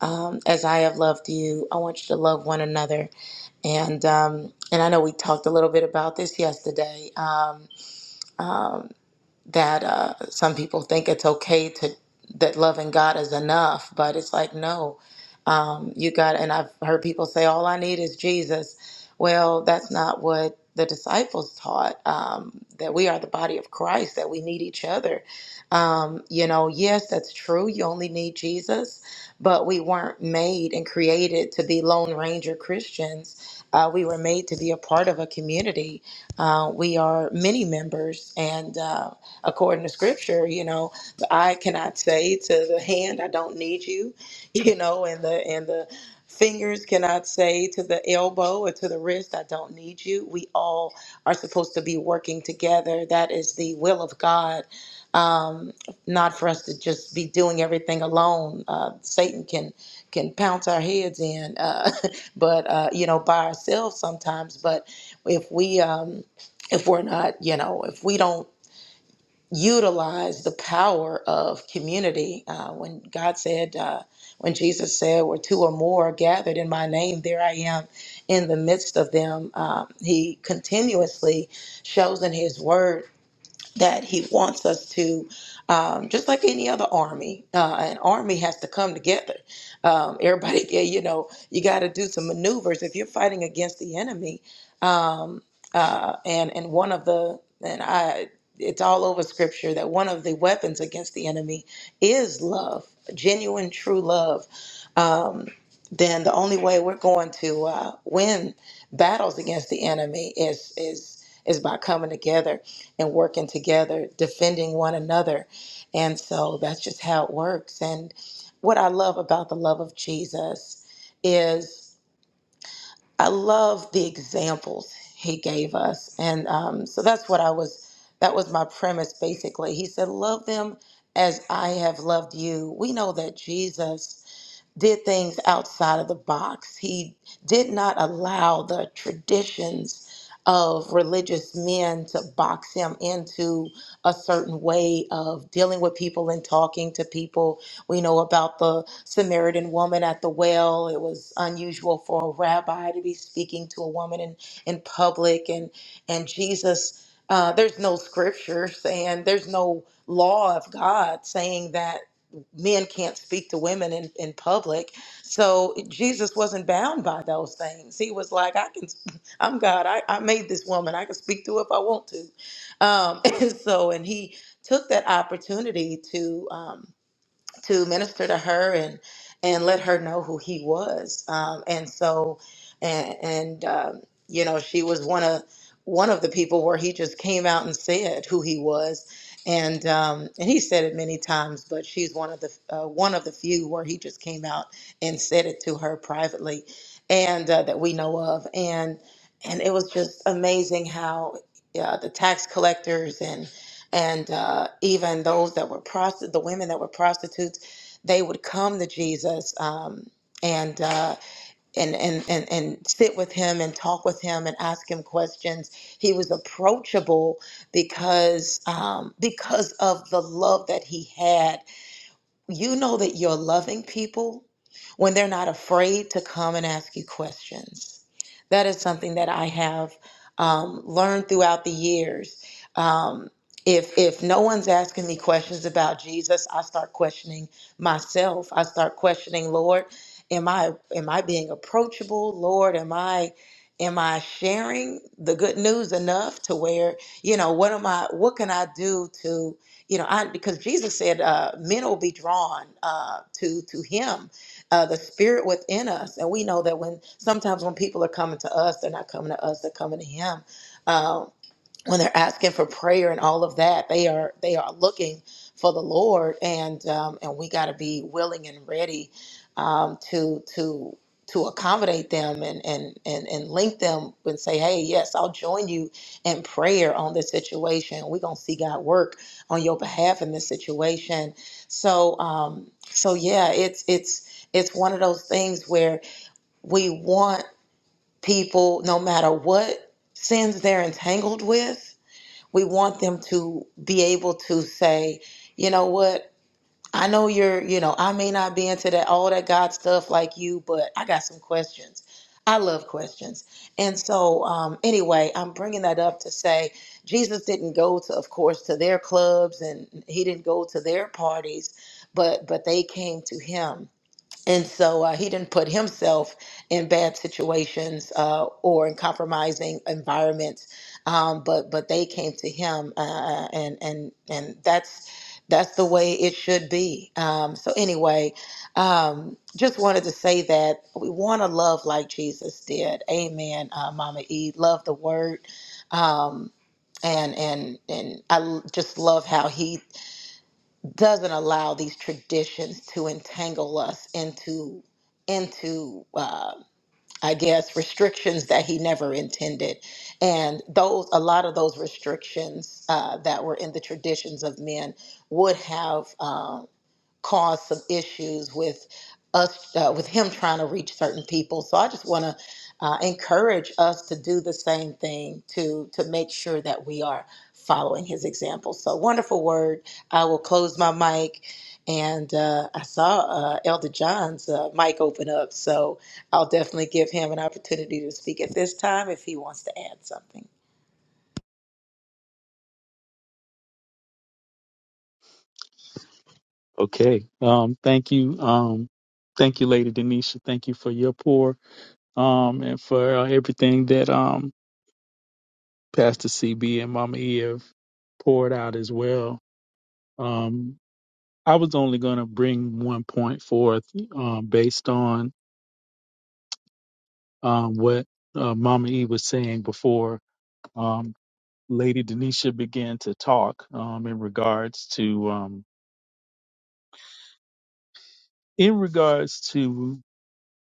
Speaker 4: um, as I have loved you. I want you to love one another. And um, and I know we talked a little bit about this yesterday. Um, um, that uh, some people think it's okay to that loving God is enough, but it's like no, um, you got. And I've heard people say, "All I need is Jesus." Well, that's not what the disciples taught. Um, that we are the body of Christ. That we need each other. Um, you know, yes, that's true. You only need Jesus, but we weren't made and created to be lone ranger Christians. Uh, we were made to be a part of a community. Uh, we are many members and. Uh, according to scripture you know the eye cannot say to the hand i don't need you you know and the and the fingers cannot say to the elbow or to the wrist i don't need you we all are supposed to be working together that is the will of god um, not for us to just be doing everything alone uh, satan can can pounce our heads in uh, but uh, you know by ourselves sometimes but if we um, if we're not you know if we don't utilize the power of community. Uh, when God said, uh, when Jesus said, where two or more are gathered in my name, there I am in the midst of them. Um, he continuously shows in his word that he wants us to, um, just like any other army, uh, an army has to come together. Um, everybody, you know, you got to do some maneuvers if you're fighting against the enemy. Um, uh, and and one of the and I, it's all over scripture that one of the weapons against the enemy is love, genuine, true love. Um, then the only way we're going to uh, win battles against the enemy is is is by coming together and working together, defending one another. And so that's just how it works. And what I love about the love of Jesus is I love the examples he gave us. And um, so that's what I was, that was my premise basically. He said, Love them as I have loved you. We know that Jesus did things outside of the box. He did not allow the traditions of religious men to box him into a certain way of dealing with people and talking to people. We know about the Samaritan woman at the well. It was unusual for a rabbi to be speaking to a woman in, in public and and Jesus uh, there's no scripture saying there's no law of God saying that men can't speak to women in, in public. So Jesus wasn't bound by those things. He was like, I can, I'm God. I, I made this woman. I can speak to her if I want to. Um, and so, and he took that opportunity to. um, to minister to her and and let her know who he was. Um, and so, and, and um, you know, she was one of one of the people where he just came out and said who he was, and um, and he said it many times, but she's one of the uh, one of the few where he just came out and said it to her privately, and uh, that we know of, and and it was just amazing how. Uh, the tax collectors and and uh, even those that were prosti- the women that were prostitutes, they would come to Jesus um, and, uh, and and and and sit with him and talk with him and ask him questions. He was approachable because um, because of the love that he had you know that you're loving people when they're not afraid to come and ask you questions. That is something that I have um, learned throughout the years. Um, if if no one's asking me questions about Jesus, I start questioning myself. I start questioning, Lord, am I am I being approachable? Lord, am I am I sharing the good news enough to where you know what am I? What can I do to you know I, because jesus said uh, men will be drawn uh, to to him uh, the spirit within us and we know that when sometimes when people are coming to us they're not coming to us they're coming to him Um, when they're asking for prayer and all of that, they are they are looking for the Lord, and um, and we got to be willing and ready um, to to to accommodate them and, and and and link them and say, hey, yes, I'll join you in prayer on this situation. We're gonna see God work on your behalf in this situation. So um, so yeah, it's it's it's one of those things where we want people, no matter what sins they're entangled with we want them to be able to say, you know what, I know you're, you know, I may not be into that all that God stuff like you, but I got some questions. I love questions. And so, um, anyway, I'm bringing that up to say Jesus didn't go to, of course, to their clubs and he didn't go to their parties, but but they came to him and so uh, he didn't put himself in bad situations uh, or in compromising environments um, but but they came to him uh, uh, and and and that's that's the way it should be um, so anyway um, just wanted to say that we want to love like jesus did amen uh, mama e love the word um, and and and i l- just love how he doesn't allow these traditions to entangle us into into uh, I guess restrictions that he never intended, and those a lot of those restrictions uh, that were in the traditions of men would have. Um, caused some issues with us uh, with him trying to reach certain people so i just want to uh, encourage us to do the same thing to to make sure that we are following his example so wonderful word i will close my mic and uh, i saw uh, elder john's uh, mic open up so i'll definitely give him an opportunity to speak at this time if he wants to add something
Speaker 5: Okay. Um, thank you. Um, thank you, Lady Denisha. Thank you for your pour um, and for uh, everything that um, Pastor CB and Mama E have poured out as well. Um, I was only going to bring one point forth um, based on um, what uh, Mama E was saying before. Um, Lady Denisha began to talk um, in regards to um, in regards to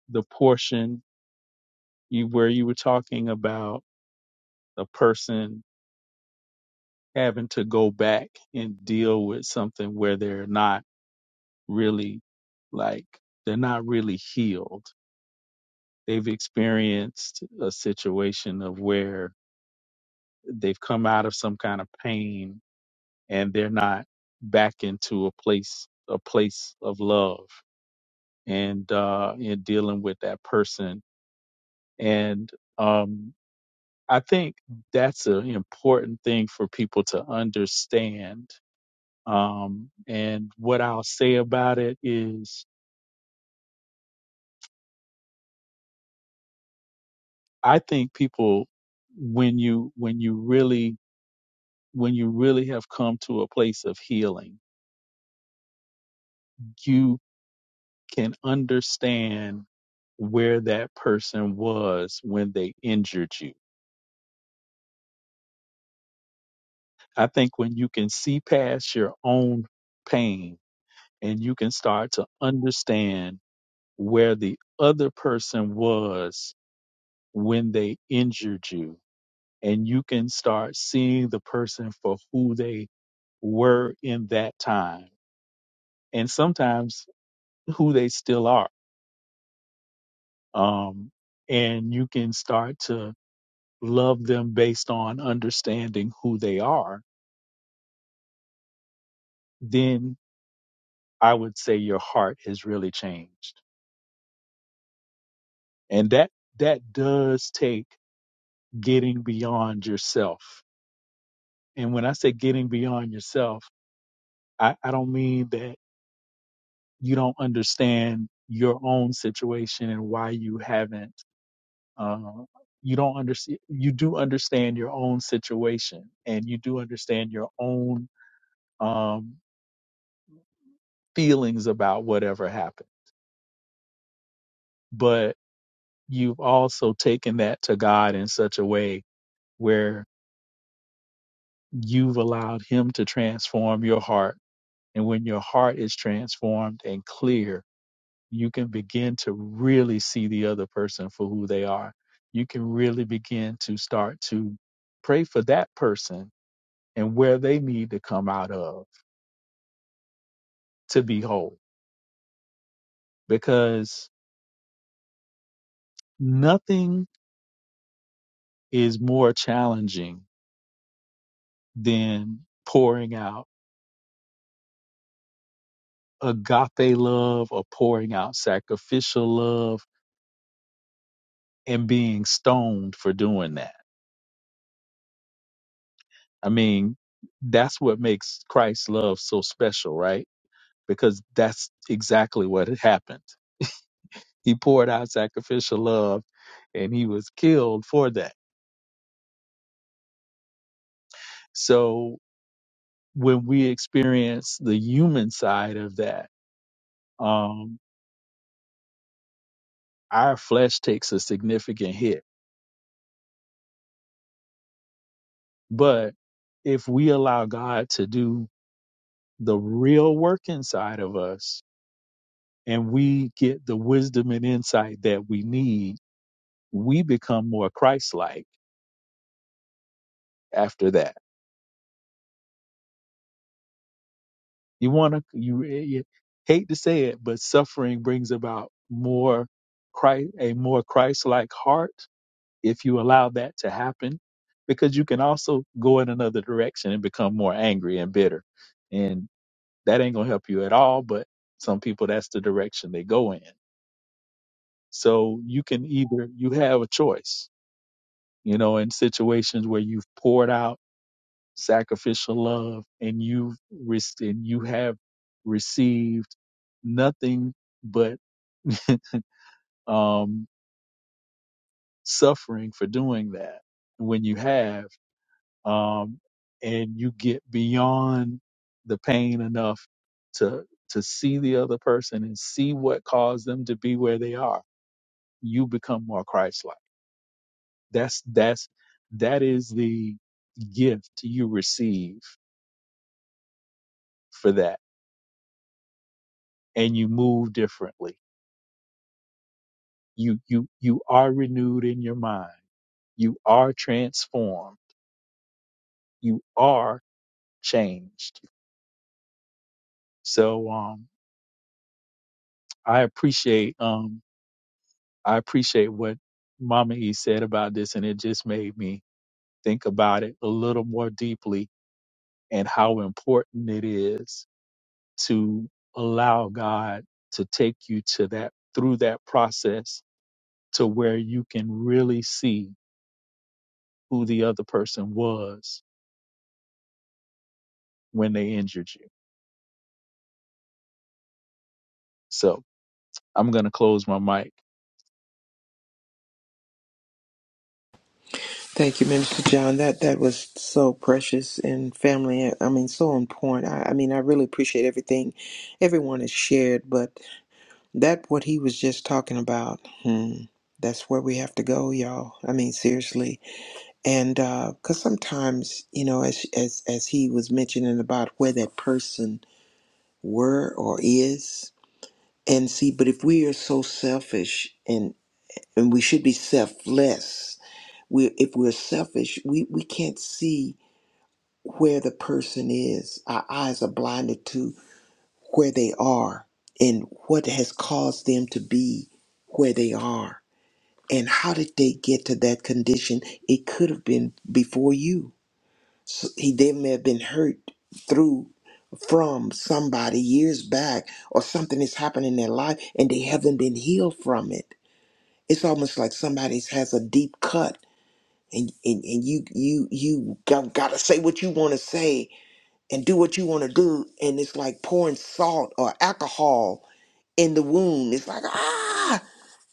Speaker 5: the portion you where you were talking about a person having to go back and deal with something where they're not really like they're not really healed. They've experienced a situation of where they've come out of some kind of pain and they're not back into a place a place of love and uh, and dealing with that person. And um, I think that's an important thing for people to understand. Um, and what I'll say about it is, I think people, when you when you really when you really have come to a place of healing, you can understand where that person was when they injured you. I think when you can see past your own pain and you can start to understand where the other person was when they injured you. And you can start seeing the person for who they were in that time and sometimes who they still are. Um, and you can start to love them based on understanding who they are. Then I would say your heart has really changed. And that, that does take getting beyond yourself And when I say getting beyond yourself, I, I don't mean that you don't understand your own situation and why you haven't. Uh, you don't understand. You do understand your own situation, and you do understand your own um, feelings about whatever happened. But you've also taken that to God in such a way where you've allowed Him to transform your heart. And when your heart is transformed and clear, you can begin to really see the other person for who they are. You can really begin to start to pray for that person and where they need to come out of to be whole because nothing is more challenging than pouring out agape love or pouring out sacrificial love and being stoned for doing that. I mean, that's what makes Christ's love so special, right? because that's exactly what had happened. He poured out sacrificial love and he was killed for that. So when we experience the human side of that, um, our flesh takes a significant hit. But if we allow God to do the real work inside of us and we get the wisdom and insight that we need, we become more Christ like after that You want to, you, eh, you hate to say it, but suffering brings about more Christ, a more Christ-like heart if you allow that to happen, because you can also go in another direction and become more angry and bitter, and that ain't gonna help you at all. But some people, that's the direction they go in. So you can either you have a choice, you know, in situations where you've poured out sacrificial love and you've rec- and you have received nothing but um, suffering for doing that when you have um, and you get beyond the pain enough to to see the other person and see what caused them to be where they are you become more christ-like that's that's that is the gift you receive for that and you move differently you you you are renewed in your mind you are transformed you are changed so um i appreciate um i appreciate what mama e said about this and it just made me think about it a little more deeply and how important it is to allow god to take you to that through that process to where you can really see who the other person was when they injured you so I'm going to close my mic.
Speaker 3: Thank you, Minister John. That that was so precious and family. I mean, so important. I, I mean, I really appreciate everything everyone has shared. But that what he was just talking about. Hmm, that's where we have to go, y'all. I mean, seriously. And because sometimes, you know, as as as he was mentioning about where that person were or is, and see, but if we are so selfish and and we should be selfless. We if we're selfish, we we can't see where the person is. Our eyes are blinded to where they are and what has caused them to be where they are. And how did they get to that condition? It could have been before you. So he, they may have been hurt through, from somebody years back, or something has happened in their life and they haven't been healed from it. It's almost like somebody has a deep cut and, and, and you you you got, gotta say what you wanna say and do what you want to do and it's like pouring salt or alcohol in the wound it's like ah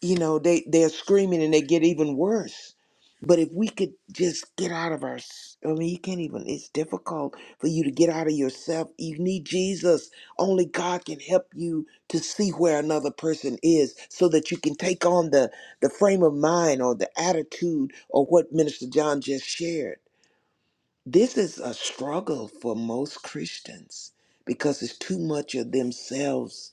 Speaker 3: you know they they're screaming and they get even worse but if we could just get out of our s- i mean you can't even it's difficult for you to get out of yourself you need jesus only god can help you to see where another person is so that you can take on the the frame of mind or the attitude or what minister john just shared this is a struggle for most Christians because it's too much of themselves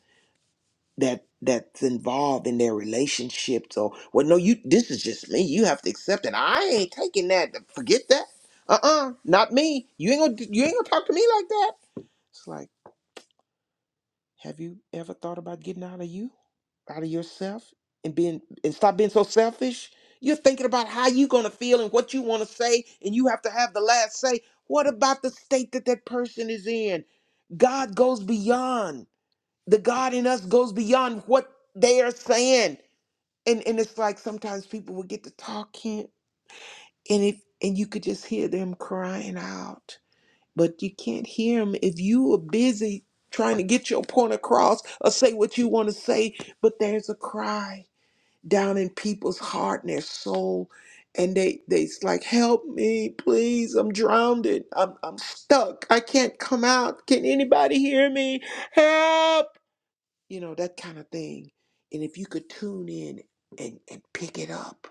Speaker 3: that that's involved in their relationships or well no you this is just me you have to accept it i ain't taking that forget that uh-uh not me you ain't gonna you ain't gonna talk to me like that It's like. Have you ever thought about getting out of you, out of yourself, and being and stop being so selfish? You're thinking about how you're gonna feel and what you want to say, and you have to have the last say. What about the state that that person is in? God goes beyond. The God in us goes beyond what they are saying. And and it's like sometimes people will get to talking, and it and you could just hear them crying out but you can't hear him if you are busy trying to get your point across or say what you want to say but there's a cry down in people's heart and their soul and they they's like help me please i'm drowned I'm, I'm stuck i can't come out can anybody hear me help you know that kind of thing and if you could tune in and, and pick it up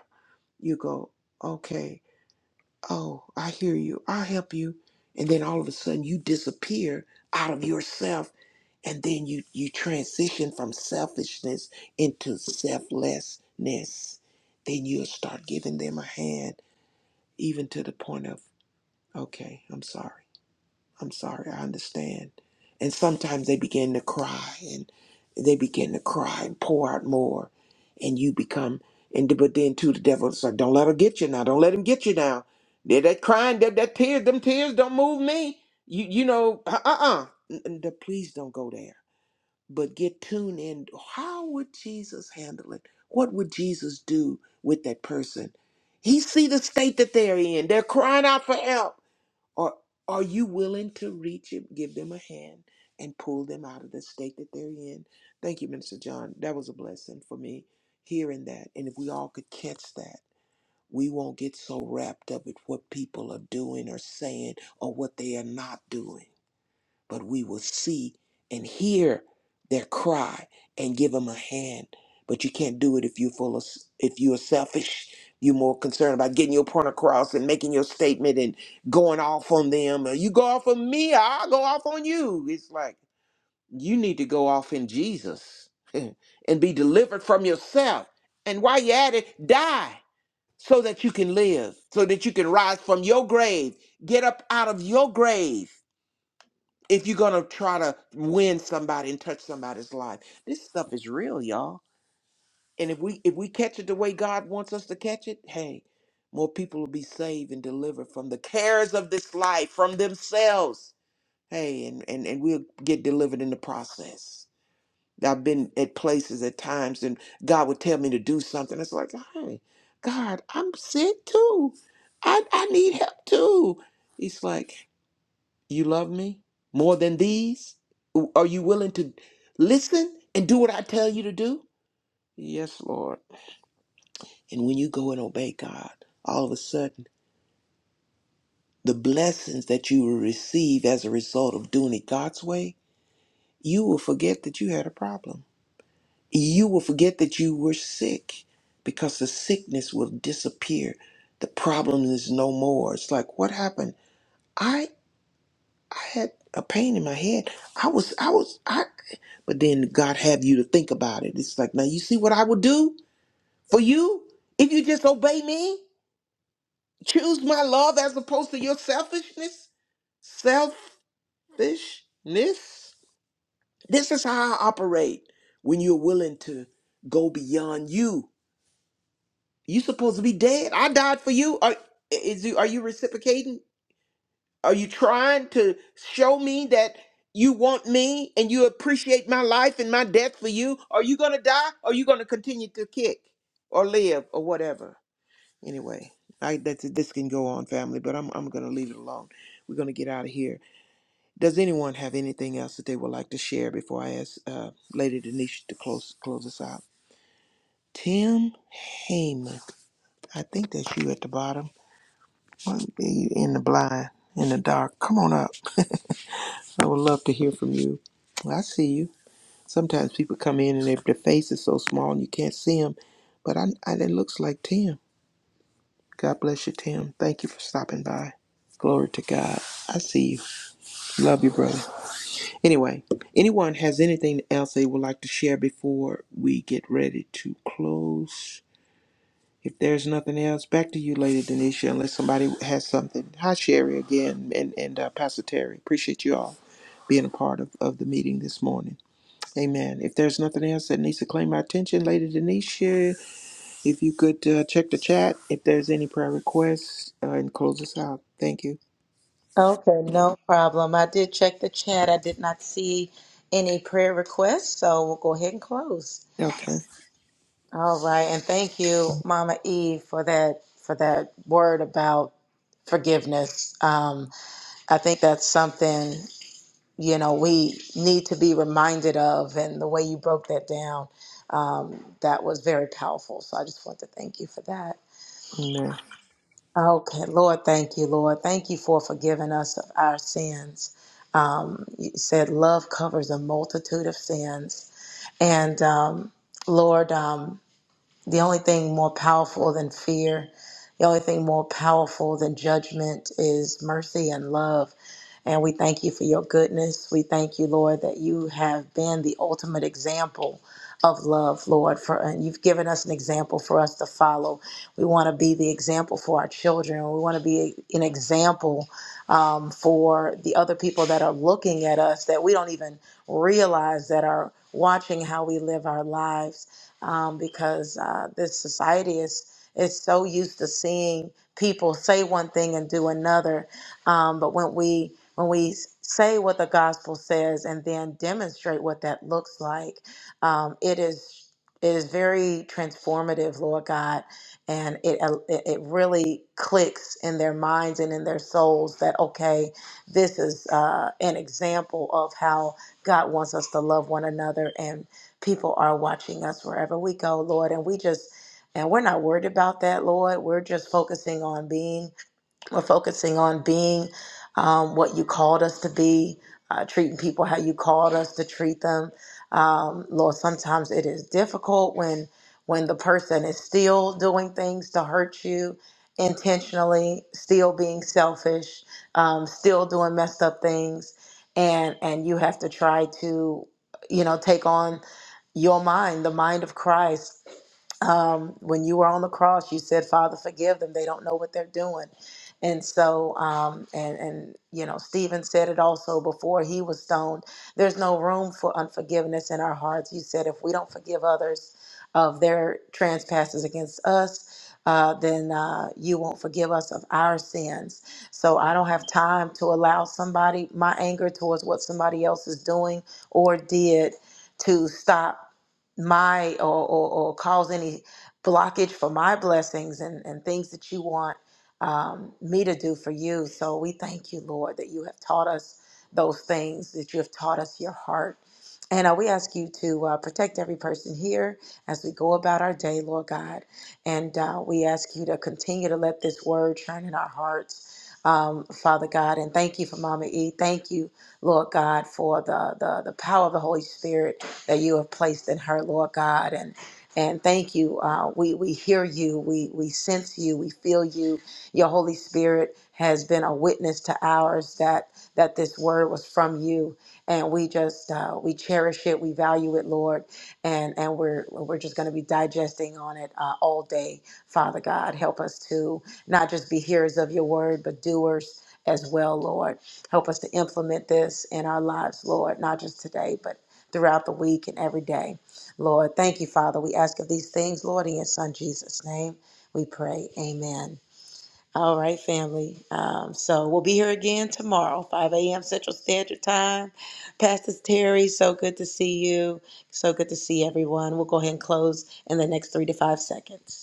Speaker 3: you go okay Oh, I hear you. I'll help you. And then all of a sudden you disappear out of yourself and then you you transition from selfishness into selflessness. Then you'll start giving them a hand even to the point of, okay, I'm sorry. I'm sorry, I understand. And sometimes they begin to cry and they begin to cry and pour out more. And you become, and the- but then too, the devil's like, don't let her get you now. Don't let him get you now. They're that crying, that, that tears, them tears don't move me. You, you know, uh uh uh. Please don't go there. But get tuned in. How would Jesus handle it? What would Jesus do with that person? He see the state that they're in. They're crying out for help or are you willing to reach it, give them a hand and pull them out of the state that they're in? Thank you, Minister John. That was a blessing for me hearing that. And if we all could catch that, we won't get so wrapped up with what people are doing or saying or what they are not doing but we will see and hear their cry and give them a hand. But you can't do it if you're full of, if you're selfish. You're more concerned about getting your point across and making your statement and going off on them. "Uh, You go off on me, I'll go off on you. It's like you need to go off in Jesus and be delivered from yourself. And while you're at it, die so that you can live, so that you can rise from your grave, get up out of your grave if you're gonna try to win somebody and touch somebody's life. This stuff is real, y'all. And if we if we catch it the way God wants us to catch it, hey, more people will be saved and delivered from the cares of this life, from themselves. Hey, and and, and we'll get delivered in the process. I've been at places at times and God would tell me to do something. It's like, hey, God, I'm sick too. I, I need help too. He's like, you love me more than these? Are you willing to listen and do what I tell you to do? Yes, Lord. And when you go and obey God, all of a sudden, the blessings that you will receive as a result of doing it God's way, you will forget that you had a problem. You will forget that you were sick because the sickness will disappear. The problem is no more. It's like, what happened? I. I had a pain in my head. I was, I was, I. But then God have you to think about it. It's like, now you see what I would do for you if you just obey me, choose my love as opposed to your selfishness. Selfishness. This is how I operate when you're willing to go beyond you. You supposed to be dead. I died for you. Are is you are you reciprocating? Are you trying to show me that you want me and you appreciate my life and my death for you? Are you going to die? Or are you going to continue to kick or live or whatever? Anyway, I, that's, this can go on, family, but I'm, I'm going to leave it alone. We're going to get out of here. Does anyone have anything else that they would like to share before I ask uh, Lady Denisha to close close us out? Tim Heyman, I think that's you at the bottom. Well, You in the blind, in the dark. Come on up. I would love to hear from you. I see you. Sometimes people come in and their, their face is so small and you can't see them, but I, I, it looks like Tim. God bless you, Tim. Thank you for stopping by. Glory to God. I see you. Love you, brother. Anyway, anyone has anything else they would like to share before we get ready to close? If there's nothing else, back to you, Lady Denisha, unless somebody has something. Hi, Sherry, again, and, and uh, Pastor Terry. Appreciate you all being a part of, of the meeting this morning. Amen. If there's nothing else that needs to claim my attention, Lady Denisha, if you could uh, check the chat, if there's any prayer requests, uh, and close us out. Thank you.
Speaker 4: Okay, no problem. I did check the chat. I did not see any prayer requests, so we'll go ahead and close.
Speaker 3: Okay.
Speaker 4: All right, and thank you, Mama Eve, for that for that word about forgiveness. Um, I think that's something you know we need to be reminded of, and the way you broke that down, um, that was very powerful. So I just want to thank you for that.
Speaker 3: Amen.
Speaker 4: Okay, Lord, thank you, Lord, thank you for forgiving us of our sins. um, you said love covers a multitude of sins. And um, Lord, um, the only thing more powerful than fear, the only thing more powerful than judgment is mercy and love. And we thank you for your goodness. We thank you, Lord, that you have been the ultimate example of love, Lord, for and you've given us an example for us to follow. We want to be the example for our children. We want to be an example um, for the other people that are looking at us that we don't even realize that are watching how we live our lives um, because uh, this society is is so used to seeing people say one thing and do another um, but when we when we say what the gospel says and then demonstrate what that looks like, um, it is it is very transformative, Lord God, and it uh, it it really clicks in their minds and in their souls that okay, this is uh, an example of how God wants us to love one another, and people are watching us wherever we go, Lord, and we just and we're not worried about that, Lord. We're just focusing on being we're focusing on being um, what you called us to be, uh, treating people how you called us to treat them. Um, Lord, sometimes it is difficult when when the person is still doing things to hurt you intentionally, still being selfish, um, still doing messed up things, and and you have to try to you know take on your mind, the mind of Christ, um, when you were on the cross, you said, "Father, forgive them; they don't know what they're doing." And so, um, and and you know, Stephen said it also before he was stoned. There's no room for unforgiveness in our hearts. You said, if we don't forgive others of their trespasses against us, uh, then uh, you won't forgive us of our sins. So I don't have time to allow somebody my anger towards what somebody else is doing or did to stop my or, or, or cause any blockage for my blessings and, and things that you want um, me to do for you. So we thank you, Lord, that you have taught us those things, that you have taught us your heart. And uh, we ask you to uh, protect every person here as we go about our day, Lord God. And uh, we ask you to continue to let this word shine in our hearts, um, Father God. And thank you for Mama E. Thank you, Lord God, for the, the, the power of the Holy Spirit that you have placed in her, Lord God. And and thank you. Uh, we we hear you. We we sense you. We feel you. Your Holy Spirit has been a witness to ours that that this word was from you, and we just uh, we cherish it. We value it, Lord, and and we're we're just going to be digesting on it uh, all day, Father God. Help us to not just be hearers of your word, but doers as well, Lord. Help us to implement this in our lives, Lord, not just today, but throughout the week and every day. Lord, thank you, Father. We ask of these things, Lord, in your Son Jesus' name. We pray. Amen. All right, family. Um, so we'll be here again tomorrow, 5 a.m. Central Standard Time. Pastor Terry, so good to see you. So good to see everyone. We'll go ahead and close in the next three to five seconds.